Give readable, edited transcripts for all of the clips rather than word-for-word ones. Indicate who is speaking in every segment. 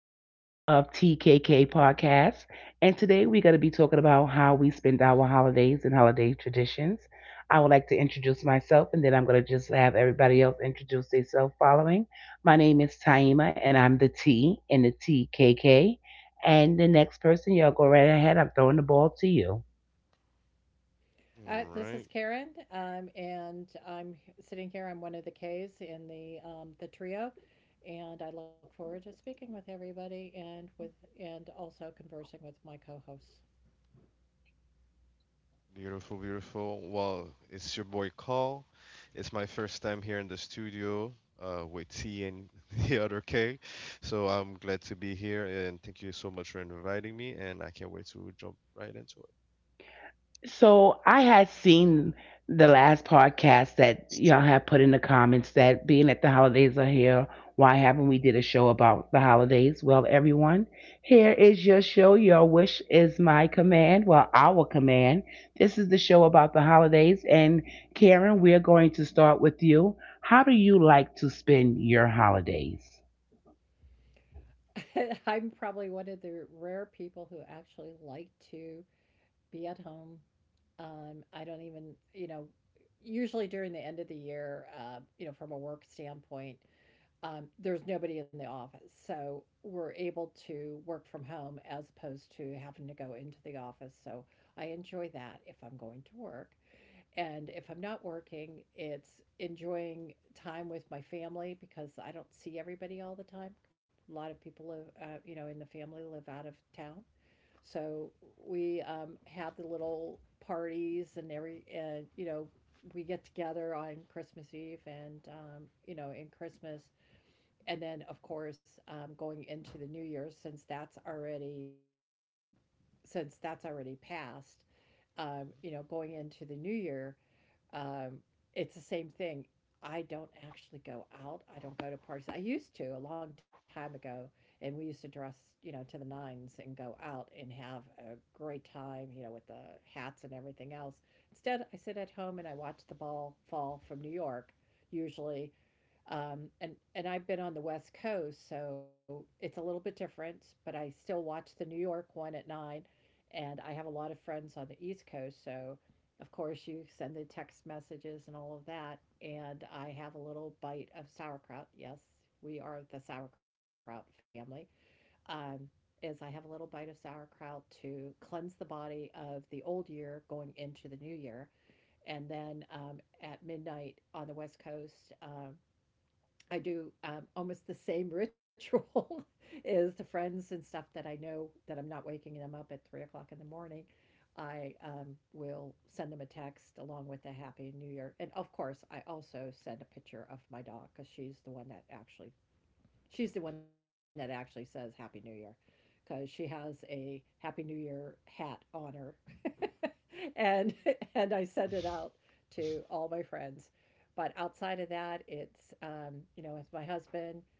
Speaker 1: episode of TKK Podcast. And today we're going to be talking about how we spend our holidays and holiday traditions. I would like to introduce myself, and then I'm going to just have everybody else introduce themselves following. My name is Taima, and I'm the T in the TKK. And the next person, y'all go right ahead. I'm throwing the ball to you.
Speaker 2: All
Speaker 3: This is
Speaker 2: right.
Speaker 3: Karen, and I'm sitting here. I'm one of the K's in the trio, and I look forward to speaking with everybody and also conversing with my co-hosts.
Speaker 2: Beautiful, beautiful. Well, it's your boy Call. It's my first time here in the studio with T and the other K. So I'm glad to be here, and thank you so much for inviting me. And I can't wait to jump right into it.
Speaker 1: So I had seen the last podcast that y'all have put in the comments that being that the holidays are here, why haven't we did a show about the holidays? Well, everyone, here is your show. Your wish is my command. Well, our command. This is the show about the holidays. And Karen, we're going to start with you. How do you like to spend your holidays?
Speaker 3: I'm probably one of the rare people who actually like to be at home. I don't even, you know, usually during the end of the year, you know, from a work standpoint, there's nobody in the office. So we're able to work from home as opposed to having to go into the office. So I enjoy that if I'm going to work. And if I'm not working, it's enjoying time with my family because I don't see everybody all the time. A lot of people live, you know, in the family live out of town. So we have the little parties and you know, we get together on Christmas Eve and, you know, in Christmas, and then, of course, going into the new year, since that's already passed, you know, going into the new year, um, it's the same thing. I don't actually go out. I don't go to parties. I used to a long time ago, and we used to dress, you know, to the nines and go out and have a great time, you know, with the hats and everything else. Instead, I sit at home and I watch the ball fall from New York, usually, um, and and I've been on the West Coast, so it's a little bit different, but I still watch the New York one at 9, and I have a lot of friends on the East Coast, so of course you send the text messages and all of that, and I have a little bite of sauerkraut. Yes, we are the sauerkraut family. Um, is I have a little bite of sauerkraut to cleanse the body of the old year going into the new year. And then at midnight on the West Coast, I do almost the same ritual as the friends and stuff that I know that I'm not waking them up at 3 o'clock in the morning. I will send them a text along with a happy new year. And of course, I also send a picture of my dog because she's the one that actually says Happy New Year because she has a Happy New Year hat on her. and and I send it out to all my friends. But outside of that, it's you know, with my husband,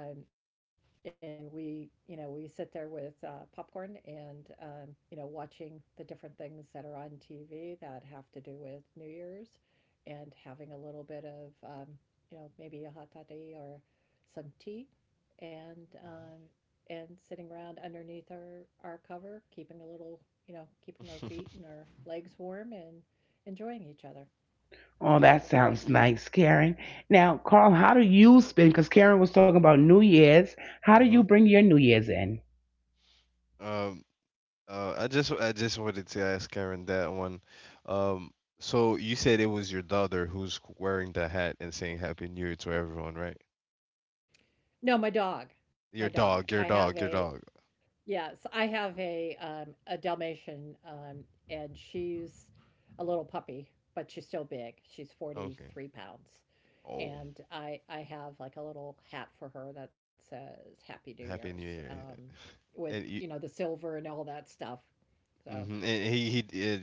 Speaker 3: um, and we, you know, we sit there with popcorn and, you know, watching the different things that are on TV that have to do with New Year's, and having a little bit of, you know, maybe a hot toddy or some tea and, sitting around underneath our cover, keeping a little, you know, keeping our feet and our legs warm and enjoying each other.
Speaker 1: Oh, that
Speaker 3: So,
Speaker 1: sounds nice, Karen. Now, Carl, how do you spend? Because Karen was talking about New Year's. How do
Speaker 2: Mhm.
Speaker 1: you
Speaker 2: Mhm.
Speaker 1: bring your New Year's in?
Speaker 2: Um, I just wanted to ask Karen that one. Um, so you said it was your daughter who's wearing the hat and saying Happy New Year to everyone, right?
Speaker 3: no, my
Speaker 2: Your
Speaker 3: dog. I
Speaker 2: dog, your
Speaker 3: have
Speaker 2: dog, your
Speaker 3: a
Speaker 2: dog.
Speaker 3: Yes, I have a Dalmatian, and she's a little puppy, but she's still big. She's
Speaker 2: Okay.
Speaker 3: 43 pounds,
Speaker 2: Oh,
Speaker 3: and I have like a little hat for her that says Happy New
Speaker 2: Happy New
Speaker 3: Year's,
Speaker 2: Year!
Speaker 3: with
Speaker 2: And
Speaker 3: you
Speaker 2: you,
Speaker 3: know the silver and all that stuff. So,
Speaker 2: hmm and he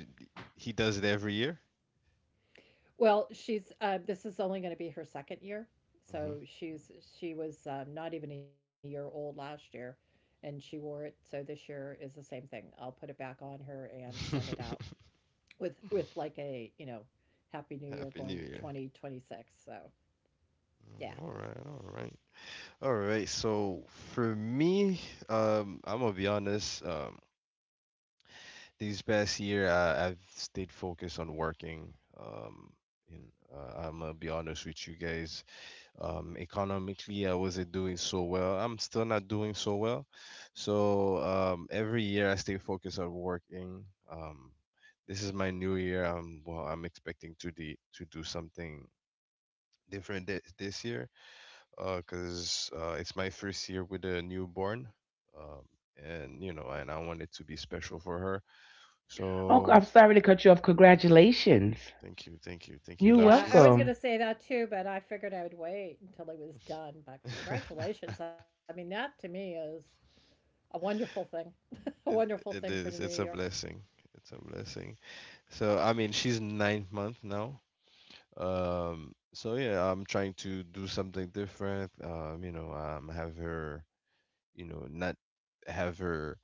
Speaker 2: he does it every year.
Speaker 3: well, she's this is only going to be her second year, so she was not even a year old last year, and she wore it. So this year is the same thing. I'll put it back on her and
Speaker 2: hmm
Speaker 3: send it out with like a you know happy new
Speaker 2: Happy
Speaker 3: year
Speaker 2: New
Speaker 3: going
Speaker 2: Year!
Speaker 3: 2026, so
Speaker 2: Oh,
Speaker 3: yeah.
Speaker 2: all right, all right, all right. So for me, I'm gonna be honest. These past year, I've stayed focused on working. Um, and I'm gonna be honest with you guys. Economically, I wasn't doing so well. I'm still not doing so well. So every year I stay focused on working. Um, this is my new year. Well, I'm expecting to to do something different this year because it's my first year with a newborn, um, and you know, and I want it to be special for her.
Speaker 1: Oh,
Speaker 2: So
Speaker 1: I'm sorry to cut you off. Congratulations.
Speaker 2: thank you, thank you, thank you.
Speaker 1: You're
Speaker 2: Now
Speaker 3: Yeah, I
Speaker 2: she's.
Speaker 3: was going
Speaker 1: welcome.
Speaker 3: to say that too, but I figured I would wait until it was done. But congratulations, I mean, that to me is a wonderful thing. A
Speaker 2: it,
Speaker 3: wonderful thing for
Speaker 2: it
Speaker 3: the new
Speaker 2: is. It's
Speaker 3: year.
Speaker 2: a blessing. It's a blessing. So I mean, she's ninth month now. So yeah, I'm trying to do something different. You know, have her, you know, not have her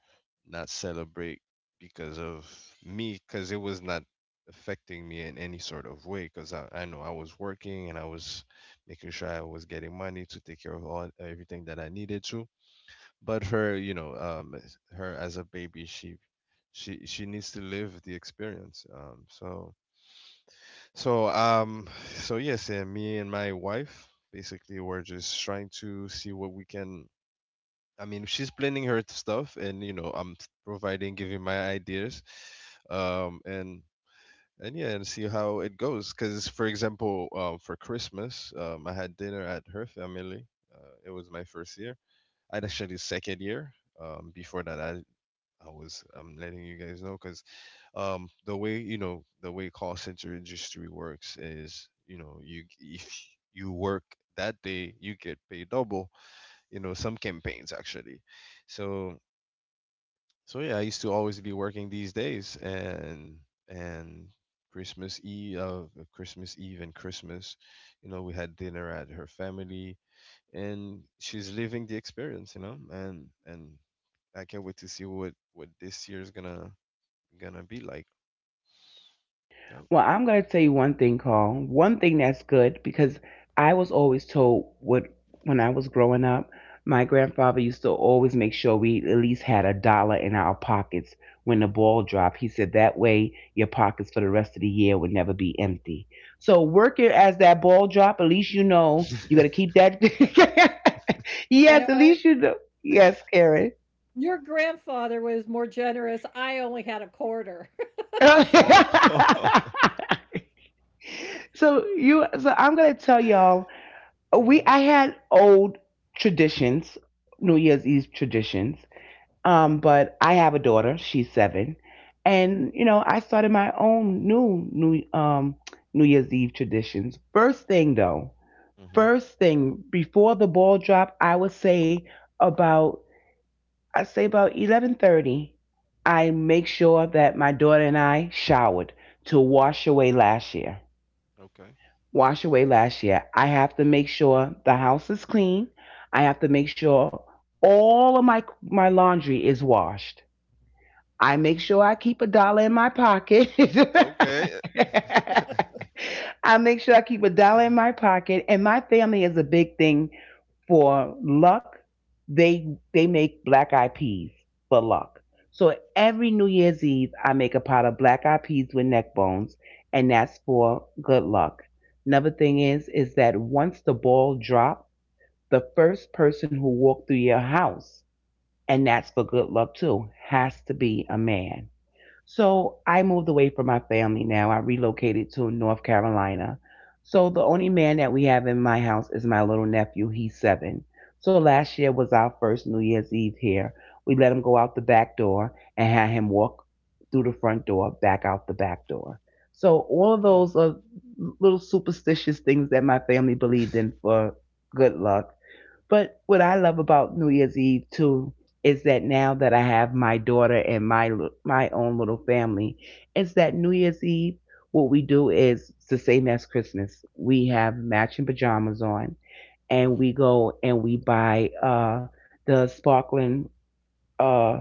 Speaker 2: not celebrate because of me, because it was not affecting me in any sort of way. Because I know I was working and I was making sure I was getting money to take care of all everything that I needed to. But her, you know, her as a baby, she she needs to live the experience. So um so yes, me and my wife basically were just trying to see what we can. I mean, she's planning her stuff, and you know, I'm providing, giving my ideas. Um and and yeah, and see how it goes, cuz for example, um, for Christmas, um, I had dinner at her family. It was my first year. I'd actually second year. Um, before that I was I'm letting you guys know because the way you know the way call center industry works is you know you if you work that day you get paid double, you know, some campaigns actually. So so yeah, I used to always be working these days. And Christmas Eve, Christmas Eve and Christmas, you know, we had dinner at her family, and she's living the experience, you know. And I can't wait to see what this year's gonna be like.
Speaker 1: Well, I'm going to tell you one thing, Carl. One thing that's good because I was always told what when I was growing up, my grandfather used to always make sure we at least had a dollar in our pockets when the ball dropped. He said that way your pockets for the rest of the year would never be empty. So work it as that ball drop. At least you know you got
Speaker 2: Yep.
Speaker 1: to keep that. Yes,
Speaker 3: You
Speaker 1: at
Speaker 3: know
Speaker 1: least
Speaker 3: what,
Speaker 1: you know. Yes, Karen.
Speaker 3: your grandfather was more generous. I only had a quarter. So.
Speaker 2: Oh, all
Speaker 1: So you. So I'm going to tell y'all we
Speaker 2: right.
Speaker 1: I had old traditions, New Year's Eve traditions. But I have a daughter; she's seven, and you know I started my own new New Year's Eve traditions. First thing though,
Speaker 2: Mm-hmm.
Speaker 1: first thing before the ball drop, about I say about 11:30. I make sure that my daughter and I showered to wash away last year,
Speaker 2: Okay.
Speaker 1: wash away last year. I have to make sure the house is clean. I have to make sure all of my laundry is washed. I make sure I keep a dollar in my pocket.
Speaker 2: Okay.
Speaker 1: I make sure I keep a dollar in my pocket, and my family is a big thing for luck. They make black eyed peas for luck. So every New Year's Eve, I make a pot of black eyed peas with neck bones, and that's for good luck. Another thing is that once the ball drop, the first person who walked through your house, and that's for good luck too, has to be a man. So I moved away from my family now. I relocated to North Carolina. So the only man that we have in my house is my little nephew. He's seven. So last year was our first New Year's Eve here. We let him go out the back door and had him walk through the front door, back out the back door. So all of
Speaker 2: Mm.
Speaker 1: those are little superstitious things that my family believed in for good luck. But what I love about New Year's Eve too is that now that I have my daughter and my own little family, is that New Year's Eve what we do is it's the same as Christmas. We have matching pajamas on, and
Speaker 2: Mm-hmm.
Speaker 1: we go and we buy the sparkling uh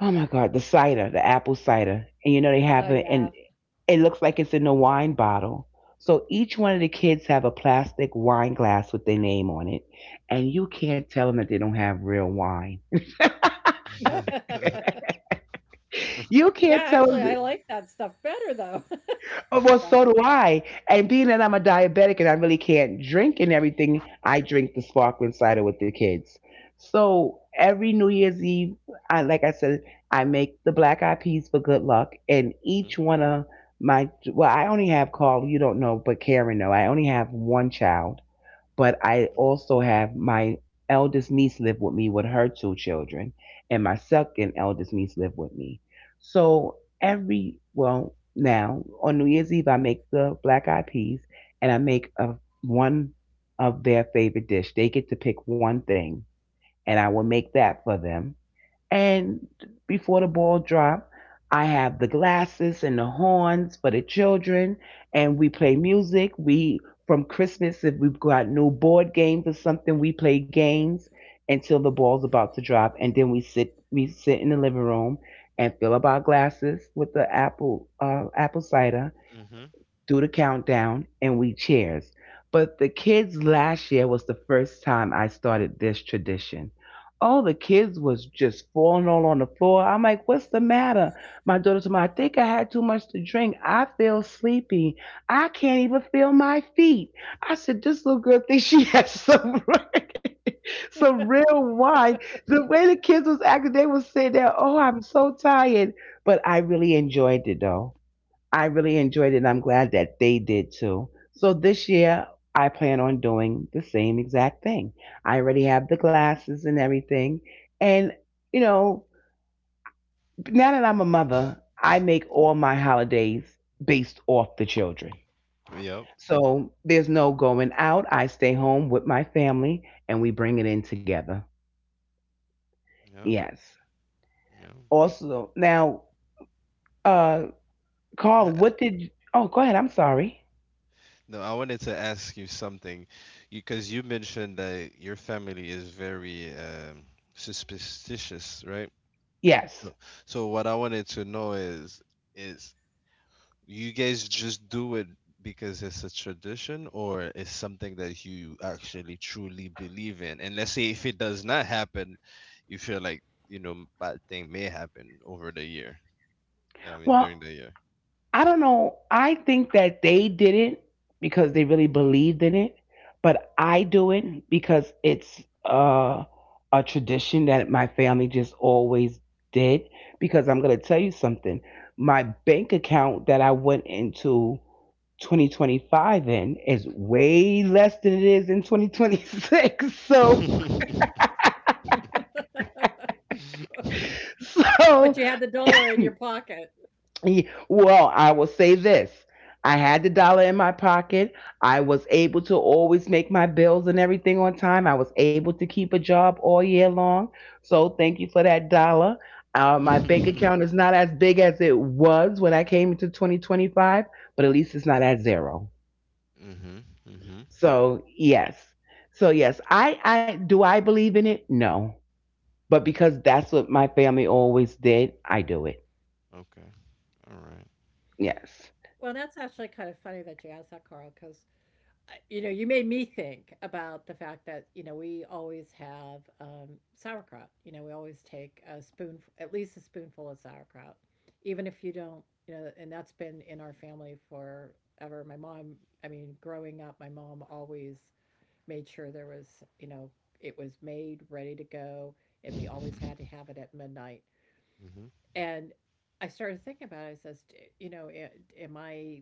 Speaker 1: oh my god the cider, the apple cider, and you know they have
Speaker 3: Oh
Speaker 1: it in,
Speaker 3: yeah.
Speaker 1: it looks like it's in a wine bottle. So each one of the kids have a plastic wine glass with their name on it, and you can't tell them that they don't have real wine.
Speaker 3: Yeah,
Speaker 1: You can't tell them.
Speaker 3: actually
Speaker 1: That,
Speaker 3: I like that stuff better though.
Speaker 1: oh, well,
Speaker 3: Go
Speaker 1: so do
Speaker 3: ahead.
Speaker 1: I. And being that I'm a diabetic and I really can't drink and everything, I drink the sparkling cider with the kids. So every New Year's Eve, I like I said, I make the black eyed peas for good luck, and
Speaker 2: Mm-hmm.
Speaker 1: each one of my, well, I only have Carl. You don't know, but Karen know. I only have one child, but I also have my eldest niece live with me with her two children, and my second eldest niece live with me. So every, well, now on New Year's Eve I make the black eyed peas, and I make a one of their favorite dish. They get to pick one thing, and I will make that for them. And before the ball drop, I have the glasses and the horns for the children, and we play music. We From Christmas, if we've got new board games or something, we play games until the ball's about to drop, and then we sit in the living room and fill up our glasses with the apple cider,
Speaker 2: Mm-hmm.
Speaker 1: do the countdown, and we cheers. But the kids, last year was the first time I started this tradition. All the kids was just falling all on the floor. I'm like, what's the matter? My daughter told me, I think I had too much to drink. I feel sleepy. I can't even feel my feet. I said, this little girl thinks she has some some real wine. The way the kids was acting, they was saying that, oh, I'm so tired. But I really enjoyed it though. I really enjoyed it, and I'm glad that they did too. So this year, I plan on doing the same exact thing. I already have the glasses and everything. And, you know, now that I'm a mother, I make all my holidays based off the children.
Speaker 2: Yep.
Speaker 1: So there's no going out. I stay home with my family and we bring it in together.
Speaker 2: Yep.
Speaker 1: Yes.
Speaker 2: Yep.
Speaker 1: Also, now, uh,
Speaker 2: I,
Speaker 1: Carl,
Speaker 2: I-
Speaker 1: what did. Oh, go ahead. I'm sorry.
Speaker 2: no, I wanted to ask you something, because you mentioned that your family is very superstitious, right?
Speaker 1: Yes.
Speaker 2: So, so what I wanted to know is is you guys just do it because it's a tradition, or it's something that you actually truly believe in. And let's say if it does not happen, you feel like, you know, bad thing may happen over the year. I mean,
Speaker 1: Well,
Speaker 2: during the year.
Speaker 1: I don't know. I think that they did it because they really believed in it, but I do it because it's a tradition that my family just always did. Because I'm going to tell you something. My bank account that I went into 2025 in is way less than it is in 2026. So,
Speaker 3: But
Speaker 1: so
Speaker 3: you had the dollar in your pocket.
Speaker 1: Ye- Well, I will say this. I had the dollar in my pocket. I was able to always make my bills and everything on time. I was able to keep a job all year long. So thank you for that dollar. My bank account is not as big as it was when I came into 2025, but at least it's not at zero.
Speaker 2: Mhm. Mhm.
Speaker 1: So yes. So yes, I do I believe in it? No. But because that's what my family always did, I do it.
Speaker 2: Okay. All right.
Speaker 1: Yes.
Speaker 3: Well, that's actually kind of funny that you asked that, Carl, because you know you made me think about the fact that you know we always have sauerkraut. You know, we always take a spoon, at least a spoonful of sauerkraut, even if you don't. You know, and that's been in our family forever. My mom, I mean, growing up, my mom always made sure there was, you know, it was made ready to go, and we always had to have it at midnight.
Speaker 2: Mhm.
Speaker 3: And I started thinking about it. I says, you know, am I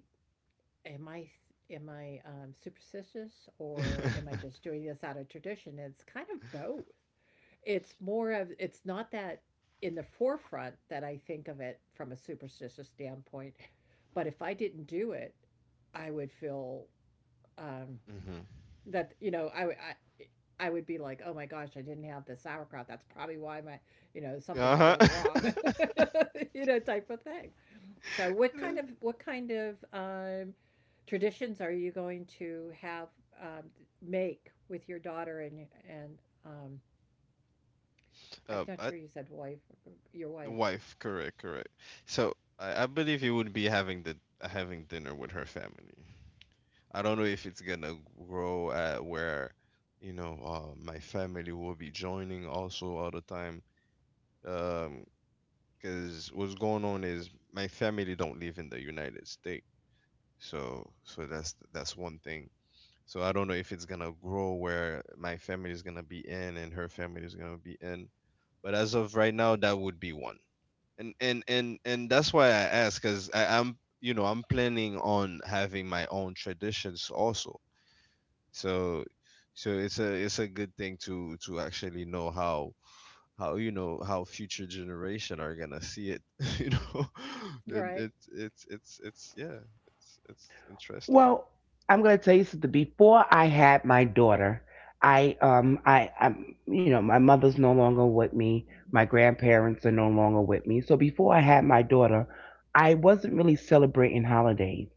Speaker 3: am I am I superstitious, or am I just doing this out of tradition?" It's kind of both. It's more of it's not that in the forefront that I think of it from a superstitious standpoint, but if I didn't do it, I would feel um,
Speaker 2: Mhm.
Speaker 3: that you know I would be like, oh my gosh, I didn't have the sauerkraut. That's probably why my you know something's
Speaker 2: Uh-huh.
Speaker 3: going wrong, you know type of thing. So
Speaker 2: It is.
Speaker 3: what kind of traditions are you going to have um, make with your daughter and um, I'm not
Speaker 2: I.
Speaker 3: sure, you said wife, your
Speaker 2: The
Speaker 3: wife,
Speaker 2: wife, correct, correct. So I believe you would be having the having dinner with her family. I don't know if it's gonna grow where, you know, my family will be joining also all the time. Um, because what's going on is my family don't live in the United States, so so that's one thing. So I don't know if it's gonna grow where my family is gonna be in and her family is gonna be in, but as of right now, that would be one. And that's why I ask, because I'm, you know, I'm planning on having my own traditions also. So so it's a good thing to actually know how, you know, how future generation are gonna see it. You know, and
Speaker 3: right?
Speaker 2: it's it's yeah, it's interesting.
Speaker 1: Well, I'm going to tell you something. Before I had my daughter, I'm you know my mother's no longer with me. My grandparents are no longer with me. So before I had my daughter, I wasn't really celebrating holidays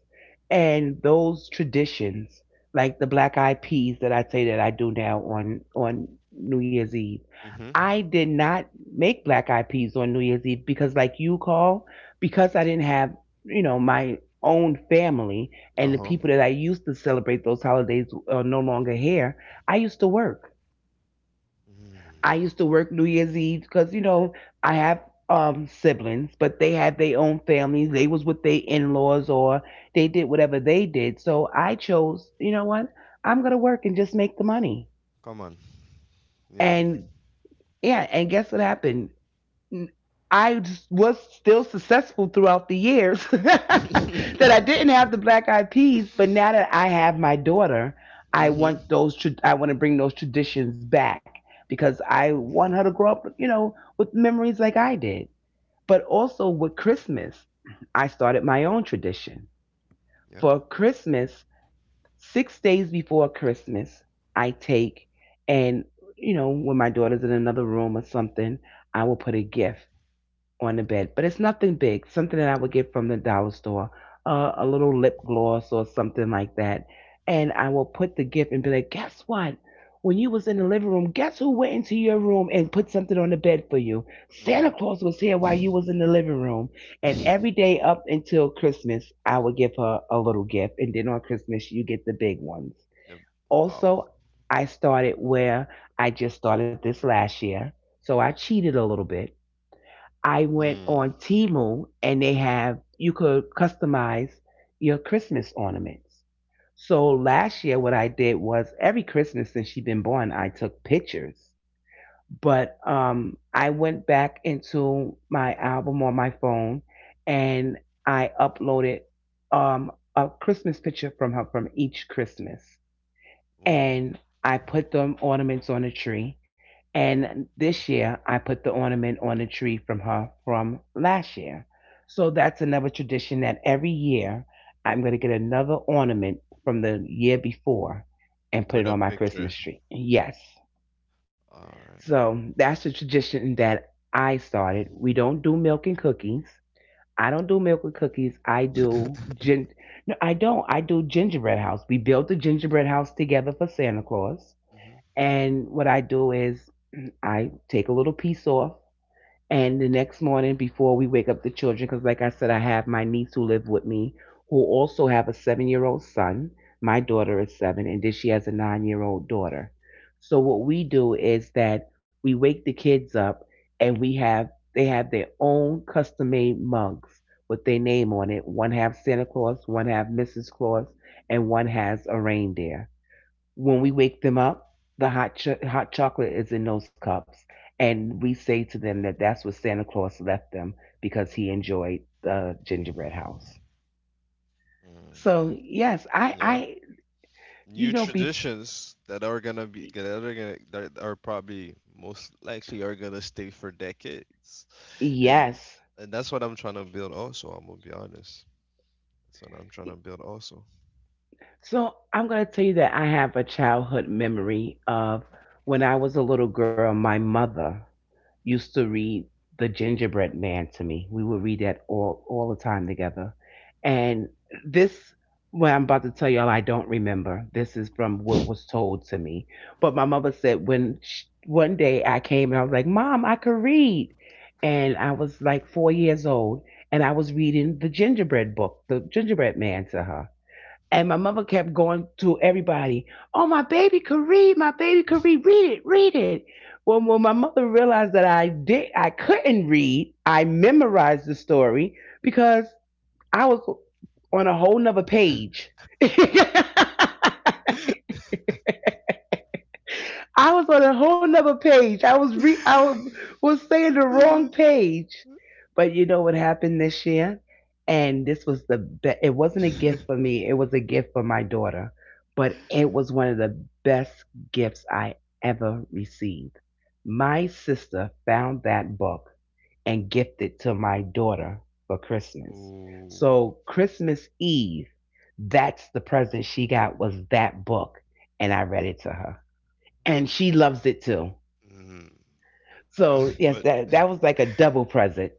Speaker 1: and those traditions like the black eyed peas that I say that I do now on New Year's Eve.
Speaker 2: Mhm.
Speaker 1: I did not make black eyed peas on New Year's Eve because, like you, Call, because I didn't have, you know, my own family,
Speaker 2: Uh
Speaker 1: and the
Speaker 2: huh.
Speaker 1: people that I used to celebrate those holidays are no longer here. i used to work I
Speaker 2: Mm.
Speaker 1: used to work New Year's Eve because, you know, I have siblings, but they had their own families. They was with their in laws or they did whatever they did. So I chose, you know what? I'm gonna work and just make the money.
Speaker 2: Come on, you know.
Speaker 1: And yeah, and guess what happened? I was still successful throughout the years that I
Speaker 2: Mhm.
Speaker 1: didn't have the black eyed peas, but now that I have my daughter, I
Speaker 2: Mhm.
Speaker 1: want those I want to bring those traditions back because I want her to grow up, you know, with memories like I did. But also with Christmas, I started my own tradition.
Speaker 2: Yep.
Speaker 1: For Christmas, 6 days before Christmas, I take, and you know, when my daughter's in another room or something, I will put a gift on the bed. But it's nothing big, something that I would get from the dollar store, a little lip gloss or something like that. And I will put the gift and be like, guess what? When you was in the living room, guess who went into your room and put something on the bed for you? Santa
Speaker 2: Mm.
Speaker 1: Claus was here while you was in the living room. And every day up until Christmas, I would give her a little gift. And then on Christmas, you get the big ones.
Speaker 2: Yep. Wow.
Speaker 1: Also, I started where, I just started this last year. So I cheated a little bit. I went
Speaker 2: Mm.
Speaker 1: on Temu and they have, you could customize your Christmas ornaments. So last year what I did was every Christmas since she'd been born I took pictures. But I went back into my album on my phone and I uploaded um a Christmas picture from her from each Christmas,
Speaker 2: Ooh.
Speaker 1: and I put them ornaments on a tree. And this year I put the ornament on a tree from her from last year. So that's another tradition that every year I'm going to get another ornament from the year before and put
Speaker 2: With
Speaker 1: it
Speaker 2: a
Speaker 1: on my
Speaker 2: picture.
Speaker 1: Christmas tree. Yes.
Speaker 2: All right.
Speaker 1: So that's the tradition that I started. We don't do milk and cookies. I don't do milk and cookies. I do gin. No, I don't. I do gingerbread house. We built the gingerbread house together for Santa Claus.
Speaker 2: Mm-hmm.
Speaker 1: And what I do is I take a little piece off. And the next morning, before we wake up the children, because like I said, I have my niece who live with me, who also have a seven-year-old son. My daughter is seven, and then she has a nine-year-old daughter. So what we do is that we wake the kids up, and we have they have their own custom-made mugs with their name on it. One has Santa Claus, one has Mrs. Claus, and one has a reindeer when we wake them up, the hot chocolate is in those cups, and we say to them that that's what Santa Claus left them because he enjoyed the gingerbread house.
Speaker 2: Mm.
Speaker 1: So yes,
Speaker 2: Yep.
Speaker 1: I
Speaker 2: New
Speaker 1: be
Speaker 2: traditions that are gonna be that are gonna that are probably most likely are gonna stay for decades, and
Speaker 1: yes.
Speaker 2: and that's what I'm trying to build. Also, I'm gonna be honest. That's what I'm trying to build. Also.
Speaker 1: So I'm going to tell you that I have a childhood memory of when I was a little girl, my mother used to read The Gingerbread Man to me. We would read that all the time together. And this, what I'm about to tell y'all, I don't remember. This is from what was told to me. But my mother said when sh one day I came and I was like, "Mom, I could read," and I was like 4 years old, and I was reading the Gingerbread book, the Gingerbread Man to her. And my mother kept going to everybody, "Oh, my baby could read, my baby could read, read it, read it." When my mother realized that I did, I couldn't read, I memorized the story because I was on a whole nother page. I was on a whole nother page. I was re I wa- was saying the wrong page. But you know what happened this year? And this was the best. It wasn't a gift for me. It was a gift for my daughter. But it was one of the best gifts I ever received. My sister found that book and gifted to my daughter for Christmas.
Speaker 2: Ooh.
Speaker 1: So Christmas Eve, that's the present she got was that book, and I read it to her, and she loves it too.
Speaker 2: Mm. Yeah.
Speaker 1: So yes,
Speaker 2: But.
Speaker 1: that was like a double present.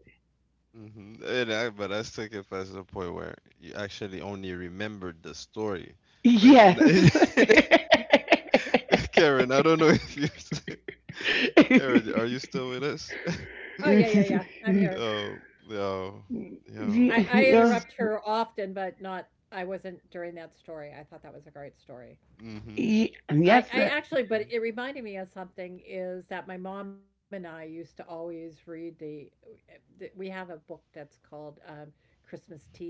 Speaker 2: Mm-hmm. And I, but I still get past the point where you actually only remembered the story. But n-
Speaker 1: Yes.
Speaker 2: Karen, I don't know if you, Karen, are you still with us?
Speaker 3: Oh yeah, yeah, yeah. I'm here.
Speaker 2: Oh, no,
Speaker 3: I
Speaker 2: no,
Speaker 3: I
Speaker 2: but
Speaker 3: interrupt
Speaker 1: Yeah.
Speaker 2: that's.
Speaker 3: her often, but not. I wasn't during that story. I thought that was a great story.
Speaker 2: Mm-hmm.
Speaker 3: I
Speaker 1: Yes.
Speaker 3: actually, but it reminded me of something is that my mom and I used to always read the we have a book that's called Christmas Tea.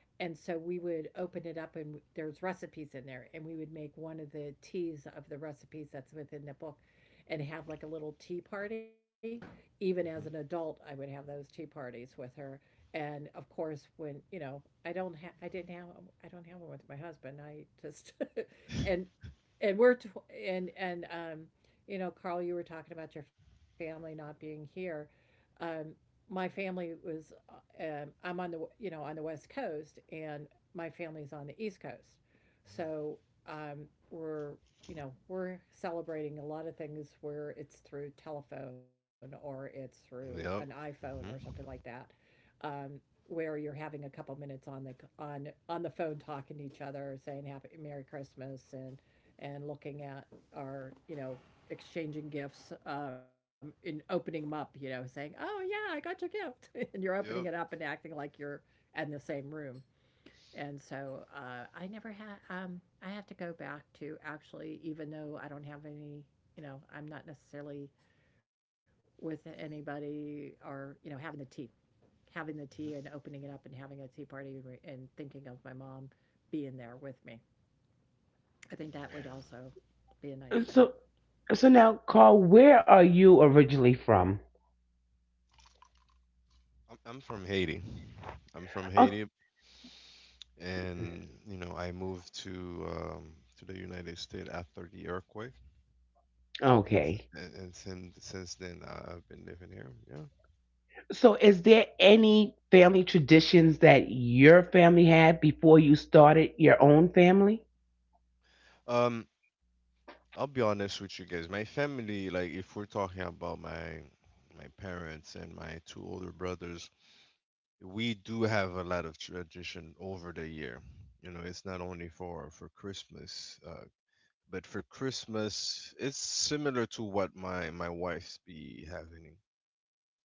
Speaker 3: And so we would open it up and there's recipes in there and we would make one of the teas of the recipes that's within the book and have like a little tea party. Even as an
Speaker 2: Mm-hmm.
Speaker 3: adult, I would have those tea parties with her. And of course, when you know, I don't have one with my husband. I just, and and you know, Carl, you were talking about your family not being here. um my family was I'm on the you know on the West Coast, and my family's on the East Coast, so um we're you know we're celebrating a lot of things where it's through telephone or it's through an
Speaker 2: Yep.
Speaker 3: iPhone or
Speaker 2: Mm-hmm.
Speaker 3: something like that, um where you're having a couple minutes on the phone talking to each other saying happy Merry Christmas and looking at our, you know, exchanging gifts, and opening them up, you know, saying, "Oh yeah, I got your gift," and you're opening it
Speaker 2: Yep.
Speaker 3: up and acting like you're in the same room. And so I never had. I have to go back to actually, even though I don't have any, you know, I'm not necessarily with anybody or you know having the tea and opening it up and having a tea party and thinking of my mom being there with me. I think that would also be a nice
Speaker 1: So
Speaker 3: thing.
Speaker 1: so now, Carl, where are you originally from?
Speaker 2: I'm from Haiti. I'm from
Speaker 1: O-
Speaker 2: Haiti, and you know I moved to the United States after the earthquake. And, s-
Speaker 1: Okay.
Speaker 2: and since then, I- I've been living here. Yeah.
Speaker 1: So is there any family traditions that your family had before you started your own family?
Speaker 2: Um, I'll be honest with you guys. My family, like, if we're talking about my my parents and my two older brothers, we do have a lot of tradition over the year. You know, it's not only for Christmas, but for Christmas, it's similar to what my wife's be having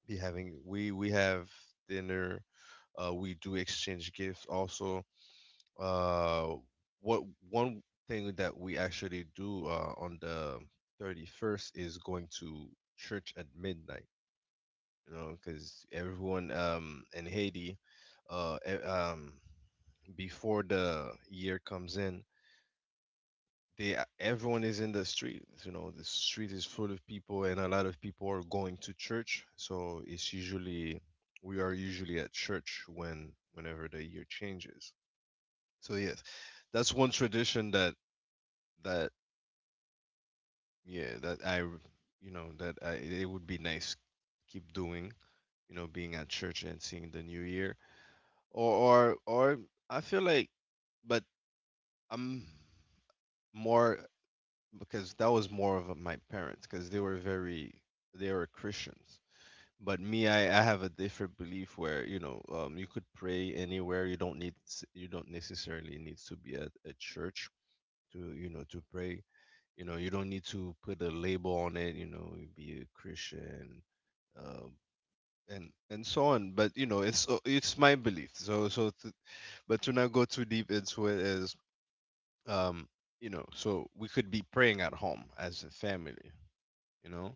Speaker 2: be having. We have dinner. We do exchange gifts also. Uh, what one thing that we actually do on the 31st is going to church at midnight, you know, because everyone in Haiti, uh, e- um, before the year comes in, everyone is in the street. You know, the street is full of people, and a lot of people are going to church. So it's usually we are usually at church when whenever the year changes. So yes, that's one tradition that that yeah that I, you know, that I, it would be nice keep doing, you know, being at church and seeing the new year. Or I feel like, but I'm more because that was more of my parents because they were very they were Christians. But me, I have a different belief where you know you could pray anywhere, you don't need you don't necessarily need to be at a church to you know to pray. You know, you don't need to put a label on it, you know, you be a Christian, um, and so on. But you know it's my belief, so so to, but to not go too deep into it is um, you know, so we could be praying at home as a family, you know.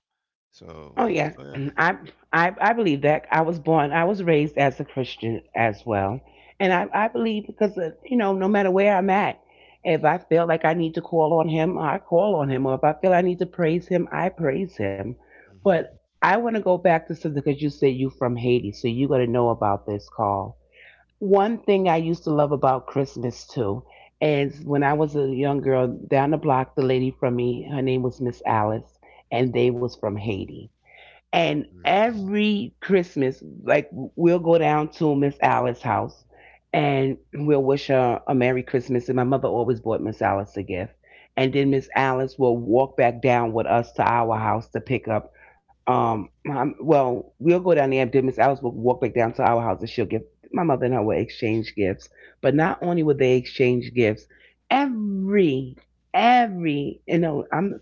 Speaker 2: So
Speaker 1: Oh yes,
Speaker 2: so yeah.
Speaker 1: I I believe that I was born, I was raised as a Christian as well, and I believe because you know, no matter where I'm at, if I feel like I need to call on Him, I call on Him, or if I feel I need to praise Him, I praise Him. But
Speaker 2: Mhm.
Speaker 1: I want to go back to something because you said you from Haiti, so you got to know about this call. One thing I used to love about Christmas too is when I was a young girl down the block, the lady from me, her name was Miss Alice, and they was from Haiti, and
Speaker 2: Mhm.
Speaker 1: every Christmas, like we'll go down to Miss Alice's house and we'll wish her a Merry Christmas. And my mother always bought Miss Alice a gift. And then
Speaker 2: Mhm.
Speaker 1: Miss Alice will walk back down with us to our house to pick up. My- well, we'll go down there, and then Miss Alice will walk back down to our house, and she'll give my mother and her will exchange gifts. But not only would they exchange gifts, every every you know, I'm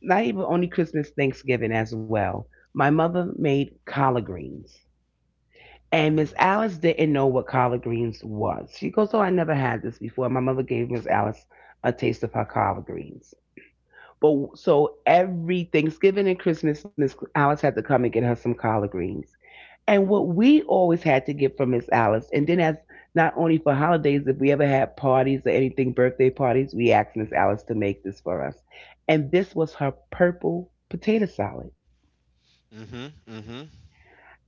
Speaker 1: not even only Christmas, Thanksgiving as well. My mother made collard greens. And Miss
Speaker 2: Mm.
Speaker 1: Alice didn't know what collard greens was. She goes, "Oh, I never had this before." My mother gave Miss Alice a taste of her collard greens. But so every Thanksgiving and Christmas, Miss Alice had to come and get her some collard greens. And what we always had to get from Miss Alice, and then as not only for holidays, if we ever had parties or anything, birthday parties, we asked Miss Alice to make this for us. And this was her purple potato salad.
Speaker 2: Mhm. Mhm.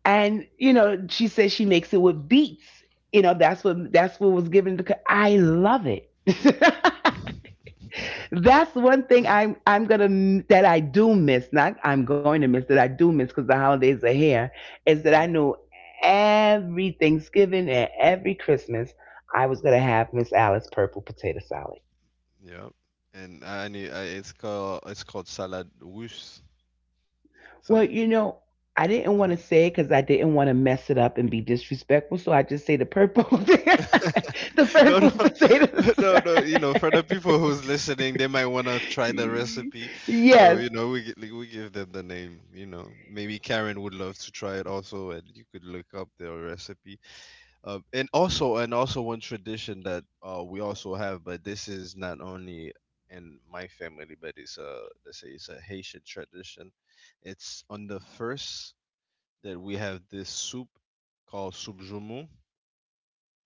Speaker 1: And, you know, she says she makes it with beets. You know, that's what was given to I love it. That's one thing I'm gonna m- that I do miss. Not I'm going to miss, that I do miss, because the holidays are here. Is that I
Speaker 2: Mhm.
Speaker 1: knew every Thanksgiving and every Christmas I was gonna have Miss Alice purple potato salad.
Speaker 2: Yep. And I need I, it's called salad wush
Speaker 1: Well,
Speaker 2: some.
Speaker 1: you know, I didn't want to
Speaker 2: Mhm.
Speaker 1: say it because I didn't want to mess it up and be disrespectful, so I just say the purple, the
Speaker 2: No, no,
Speaker 1: purple potatoes.
Speaker 2: no, no. You know, for the people who's listening, they might want to try the recipe. So you
Speaker 1: Yes.
Speaker 2: know, we like, we give them the name. You know, maybe Karen would love to try it also, and you could look up their recipe. And also one tradition that uh, we also have, but this is not only in my family, but it's a let's say it's a Haitian tradition. It's on the first that we have this soup called soup.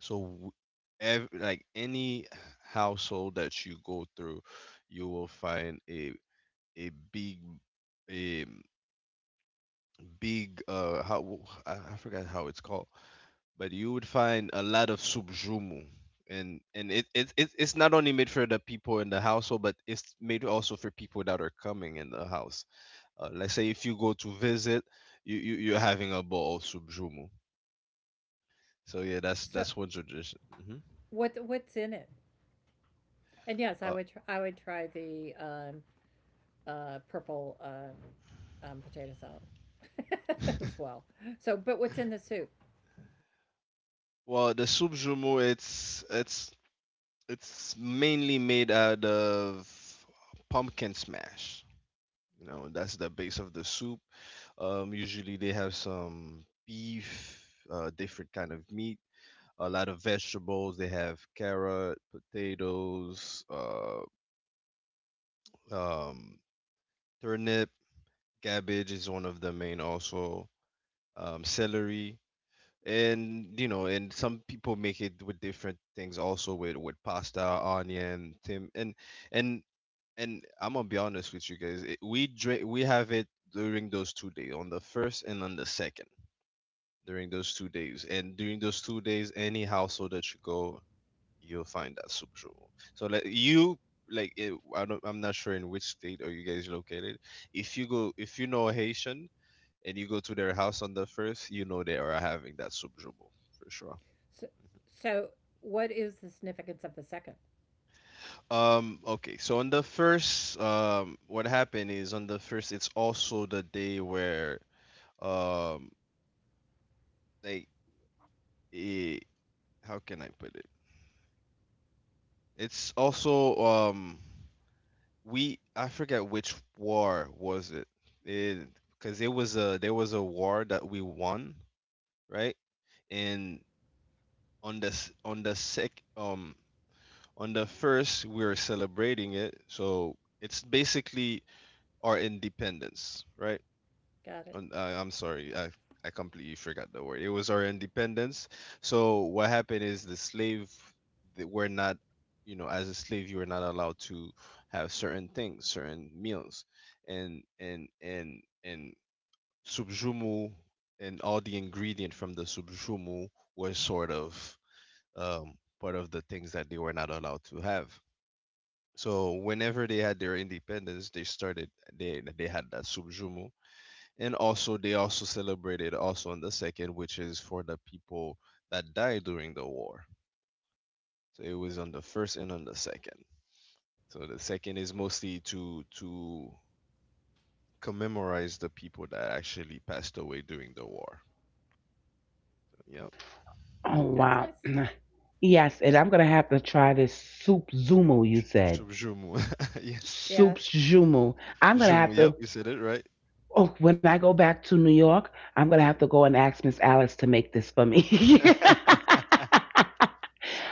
Speaker 2: So, w- like any household that you go through, you will find a big a uh, how I forgot how it's called, but you would find a lot of subjumu. And it, it's not only made for the people in the household, but it's made also for people that are coming in the house. Let's say if you go to visit, you're having a bowl of subjumu. So yeah,
Speaker 3: So
Speaker 2: that's one tradition. Hmm.
Speaker 3: what's in it? And yes, I would I would try the purple potato salad as well. So, but what's in the soup?
Speaker 2: Well, the soup jumeau, it's it's mainly made out of pumpkin smash. You know, that's the base of the soup. Usually they have some beef, different kind of meat, a lot of vegetables. They have carrot, potatoes, um, turnip, cabbage is one of the main also, celery. And you know, and some people make it with different things also, with pasta, onion, tim, and and I'm gonna be honest with you guys, it, we drink we have it during those 2 days, on the first and on the second, during those 2 days, and during those 2 days any household that you go you'll find that soup jour. so like you like it, I don't, I'm not sure in which state are you guys located. If you go if you know a Haitian and you go to their house on the first, you know they are having that soup jour for sure.
Speaker 3: So, so what is the significance of the second?
Speaker 2: Okay, so on the first, what happened is on the first, it's also the day where, um, like, eh, how can I put it? It's also, I forget which war was it, it, because it was there was a war that we won, right? And on the, s- on the sec, um, on the first, we were celebrating it, so it's basically our independence, right?
Speaker 3: Got it.
Speaker 2: I'm sorry, I completely forgot the word. It was our independence. So what happened is the slave, they were not, you know, as a slave you were not allowed to have certain things, certain meals, and subjumu and all the ingredient from the subjumu was sort of part of the things that they were not allowed to have. So whenever they had their independence, they started, they had that subjumu. And also, they also celebrated also on the second, which is for the people that died during the war. So it was on the first and on the second. So the second is mostly to commemorate the people that actually passed away during the war. Yep.
Speaker 1: Oh
Speaker 3: That's nice.
Speaker 1: wow. Yes, and I'm gonna have to try this soup zumo you
Speaker 2: So
Speaker 1: said.
Speaker 2: Jumu. Yes.
Speaker 3: Yeah.
Speaker 1: Soup zumo. I'm gonna
Speaker 2: Jumu.
Speaker 1: have
Speaker 2: Yep.
Speaker 1: to.
Speaker 2: You said it right.
Speaker 1: Oh, when I go back to New York, I'm gonna have to go and ask Miss Alice to make this for me.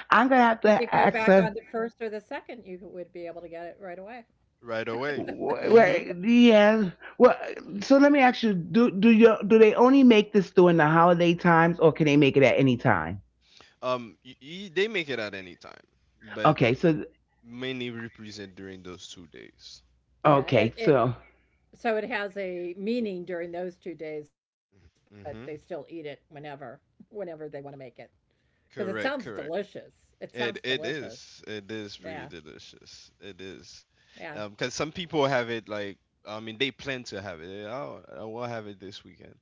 Speaker 1: I'm gonna have
Speaker 3: If you go
Speaker 1: to
Speaker 3: back
Speaker 1: ask
Speaker 3: on the
Speaker 1: her.
Speaker 3: first or the second, you would be able to get it right away.
Speaker 2: Right away.
Speaker 1: Wh-
Speaker 2: Hmm.
Speaker 1: wh- Yeah. Well, so let me ask you: do you do they only make this during the holiday times, or can they make it at any time?
Speaker 2: They make it at any time, but
Speaker 1: Okay. So
Speaker 2: mainly represent during those 2 days.
Speaker 3: Yeah.
Speaker 1: okay.
Speaker 3: It
Speaker 1: So
Speaker 3: so it has a meaning during those 2 days, but they still eat it
Speaker 2: Hmm.
Speaker 3: whenever they want to make it. 'Cause it sounds
Speaker 2: Correct. Correct.
Speaker 3: delicious. It sounds
Speaker 2: It
Speaker 3: delicious.
Speaker 2: is. It is
Speaker 3: Yeah,
Speaker 2: pretty delicious. It is.
Speaker 3: yeah.
Speaker 2: 'Cause because some people have it like, I mean they plan to have it. Oh, I will have it this weekend.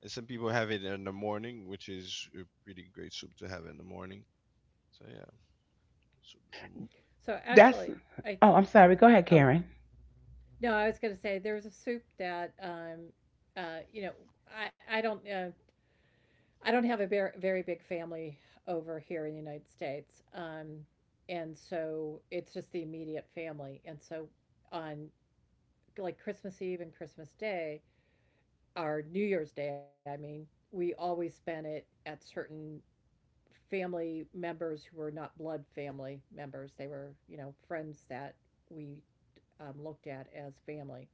Speaker 2: And some people have it in the morning, which is a pretty great soup to have in the morning. So yeah, soup jumeau.
Speaker 3: So,
Speaker 1: that's.
Speaker 3: actually, I
Speaker 1: Oh,
Speaker 3: think.
Speaker 1: I'm sorry. Go ahead,
Speaker 3: Oh,
Speaker 1: Karen.
Speaker 3: no, I was gonna say there's a soup that, you know, I I don't, uh, I don't have a very big family over here in the United States, and so it's just the immediate family, and so on, like, Christmas Eve and Christmas Day, our New Year's Day, I mean, we always spend it at certain family members who were not blood family members. They were, you know, friends that we looked at as family.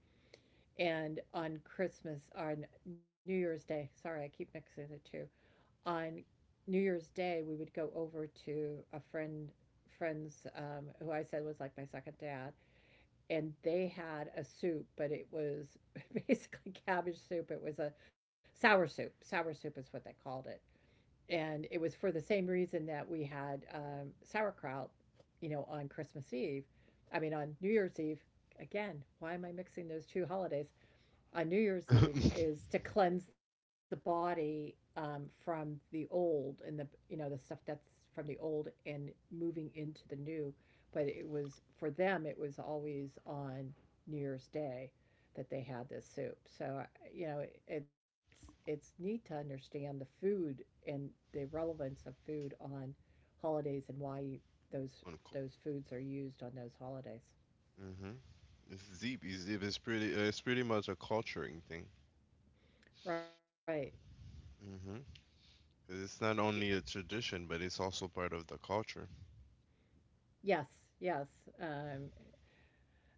Speaker 3: And on Christmas, on New Year's Day, sorry, I keep mixing the two. On New Year's Day, we would go over to a friends who I said was like my second dad, and they had a soup, but it was basically cabbage soup. It was a sour soup. Sour soup is what they called it. And it was for the same reason that we had sauerkraut, you know, on Christmas Eve. I mean, on New Year's Eve. Again, why am I mixing those two holidays? On New Year's Eve is to cleanse the body from the old and the you know the stuff that's from the old and moving into the new. But it was for them, it was always on New Year's Day that they had this soup. So you know, it's neat to understand the food and the relevance of food on holidays and why you, those those foods are used on those holidays.
Speaker 2: Mhm. It's deep. It's deep. It's pretty. It's pretty much a culturing thing.
Speaker 3: Right.
Speaker 2: Mhm. 'Cause it's not only a tradition, but it's also part of the culture.
Speaker 3: Yes. Yes. Um,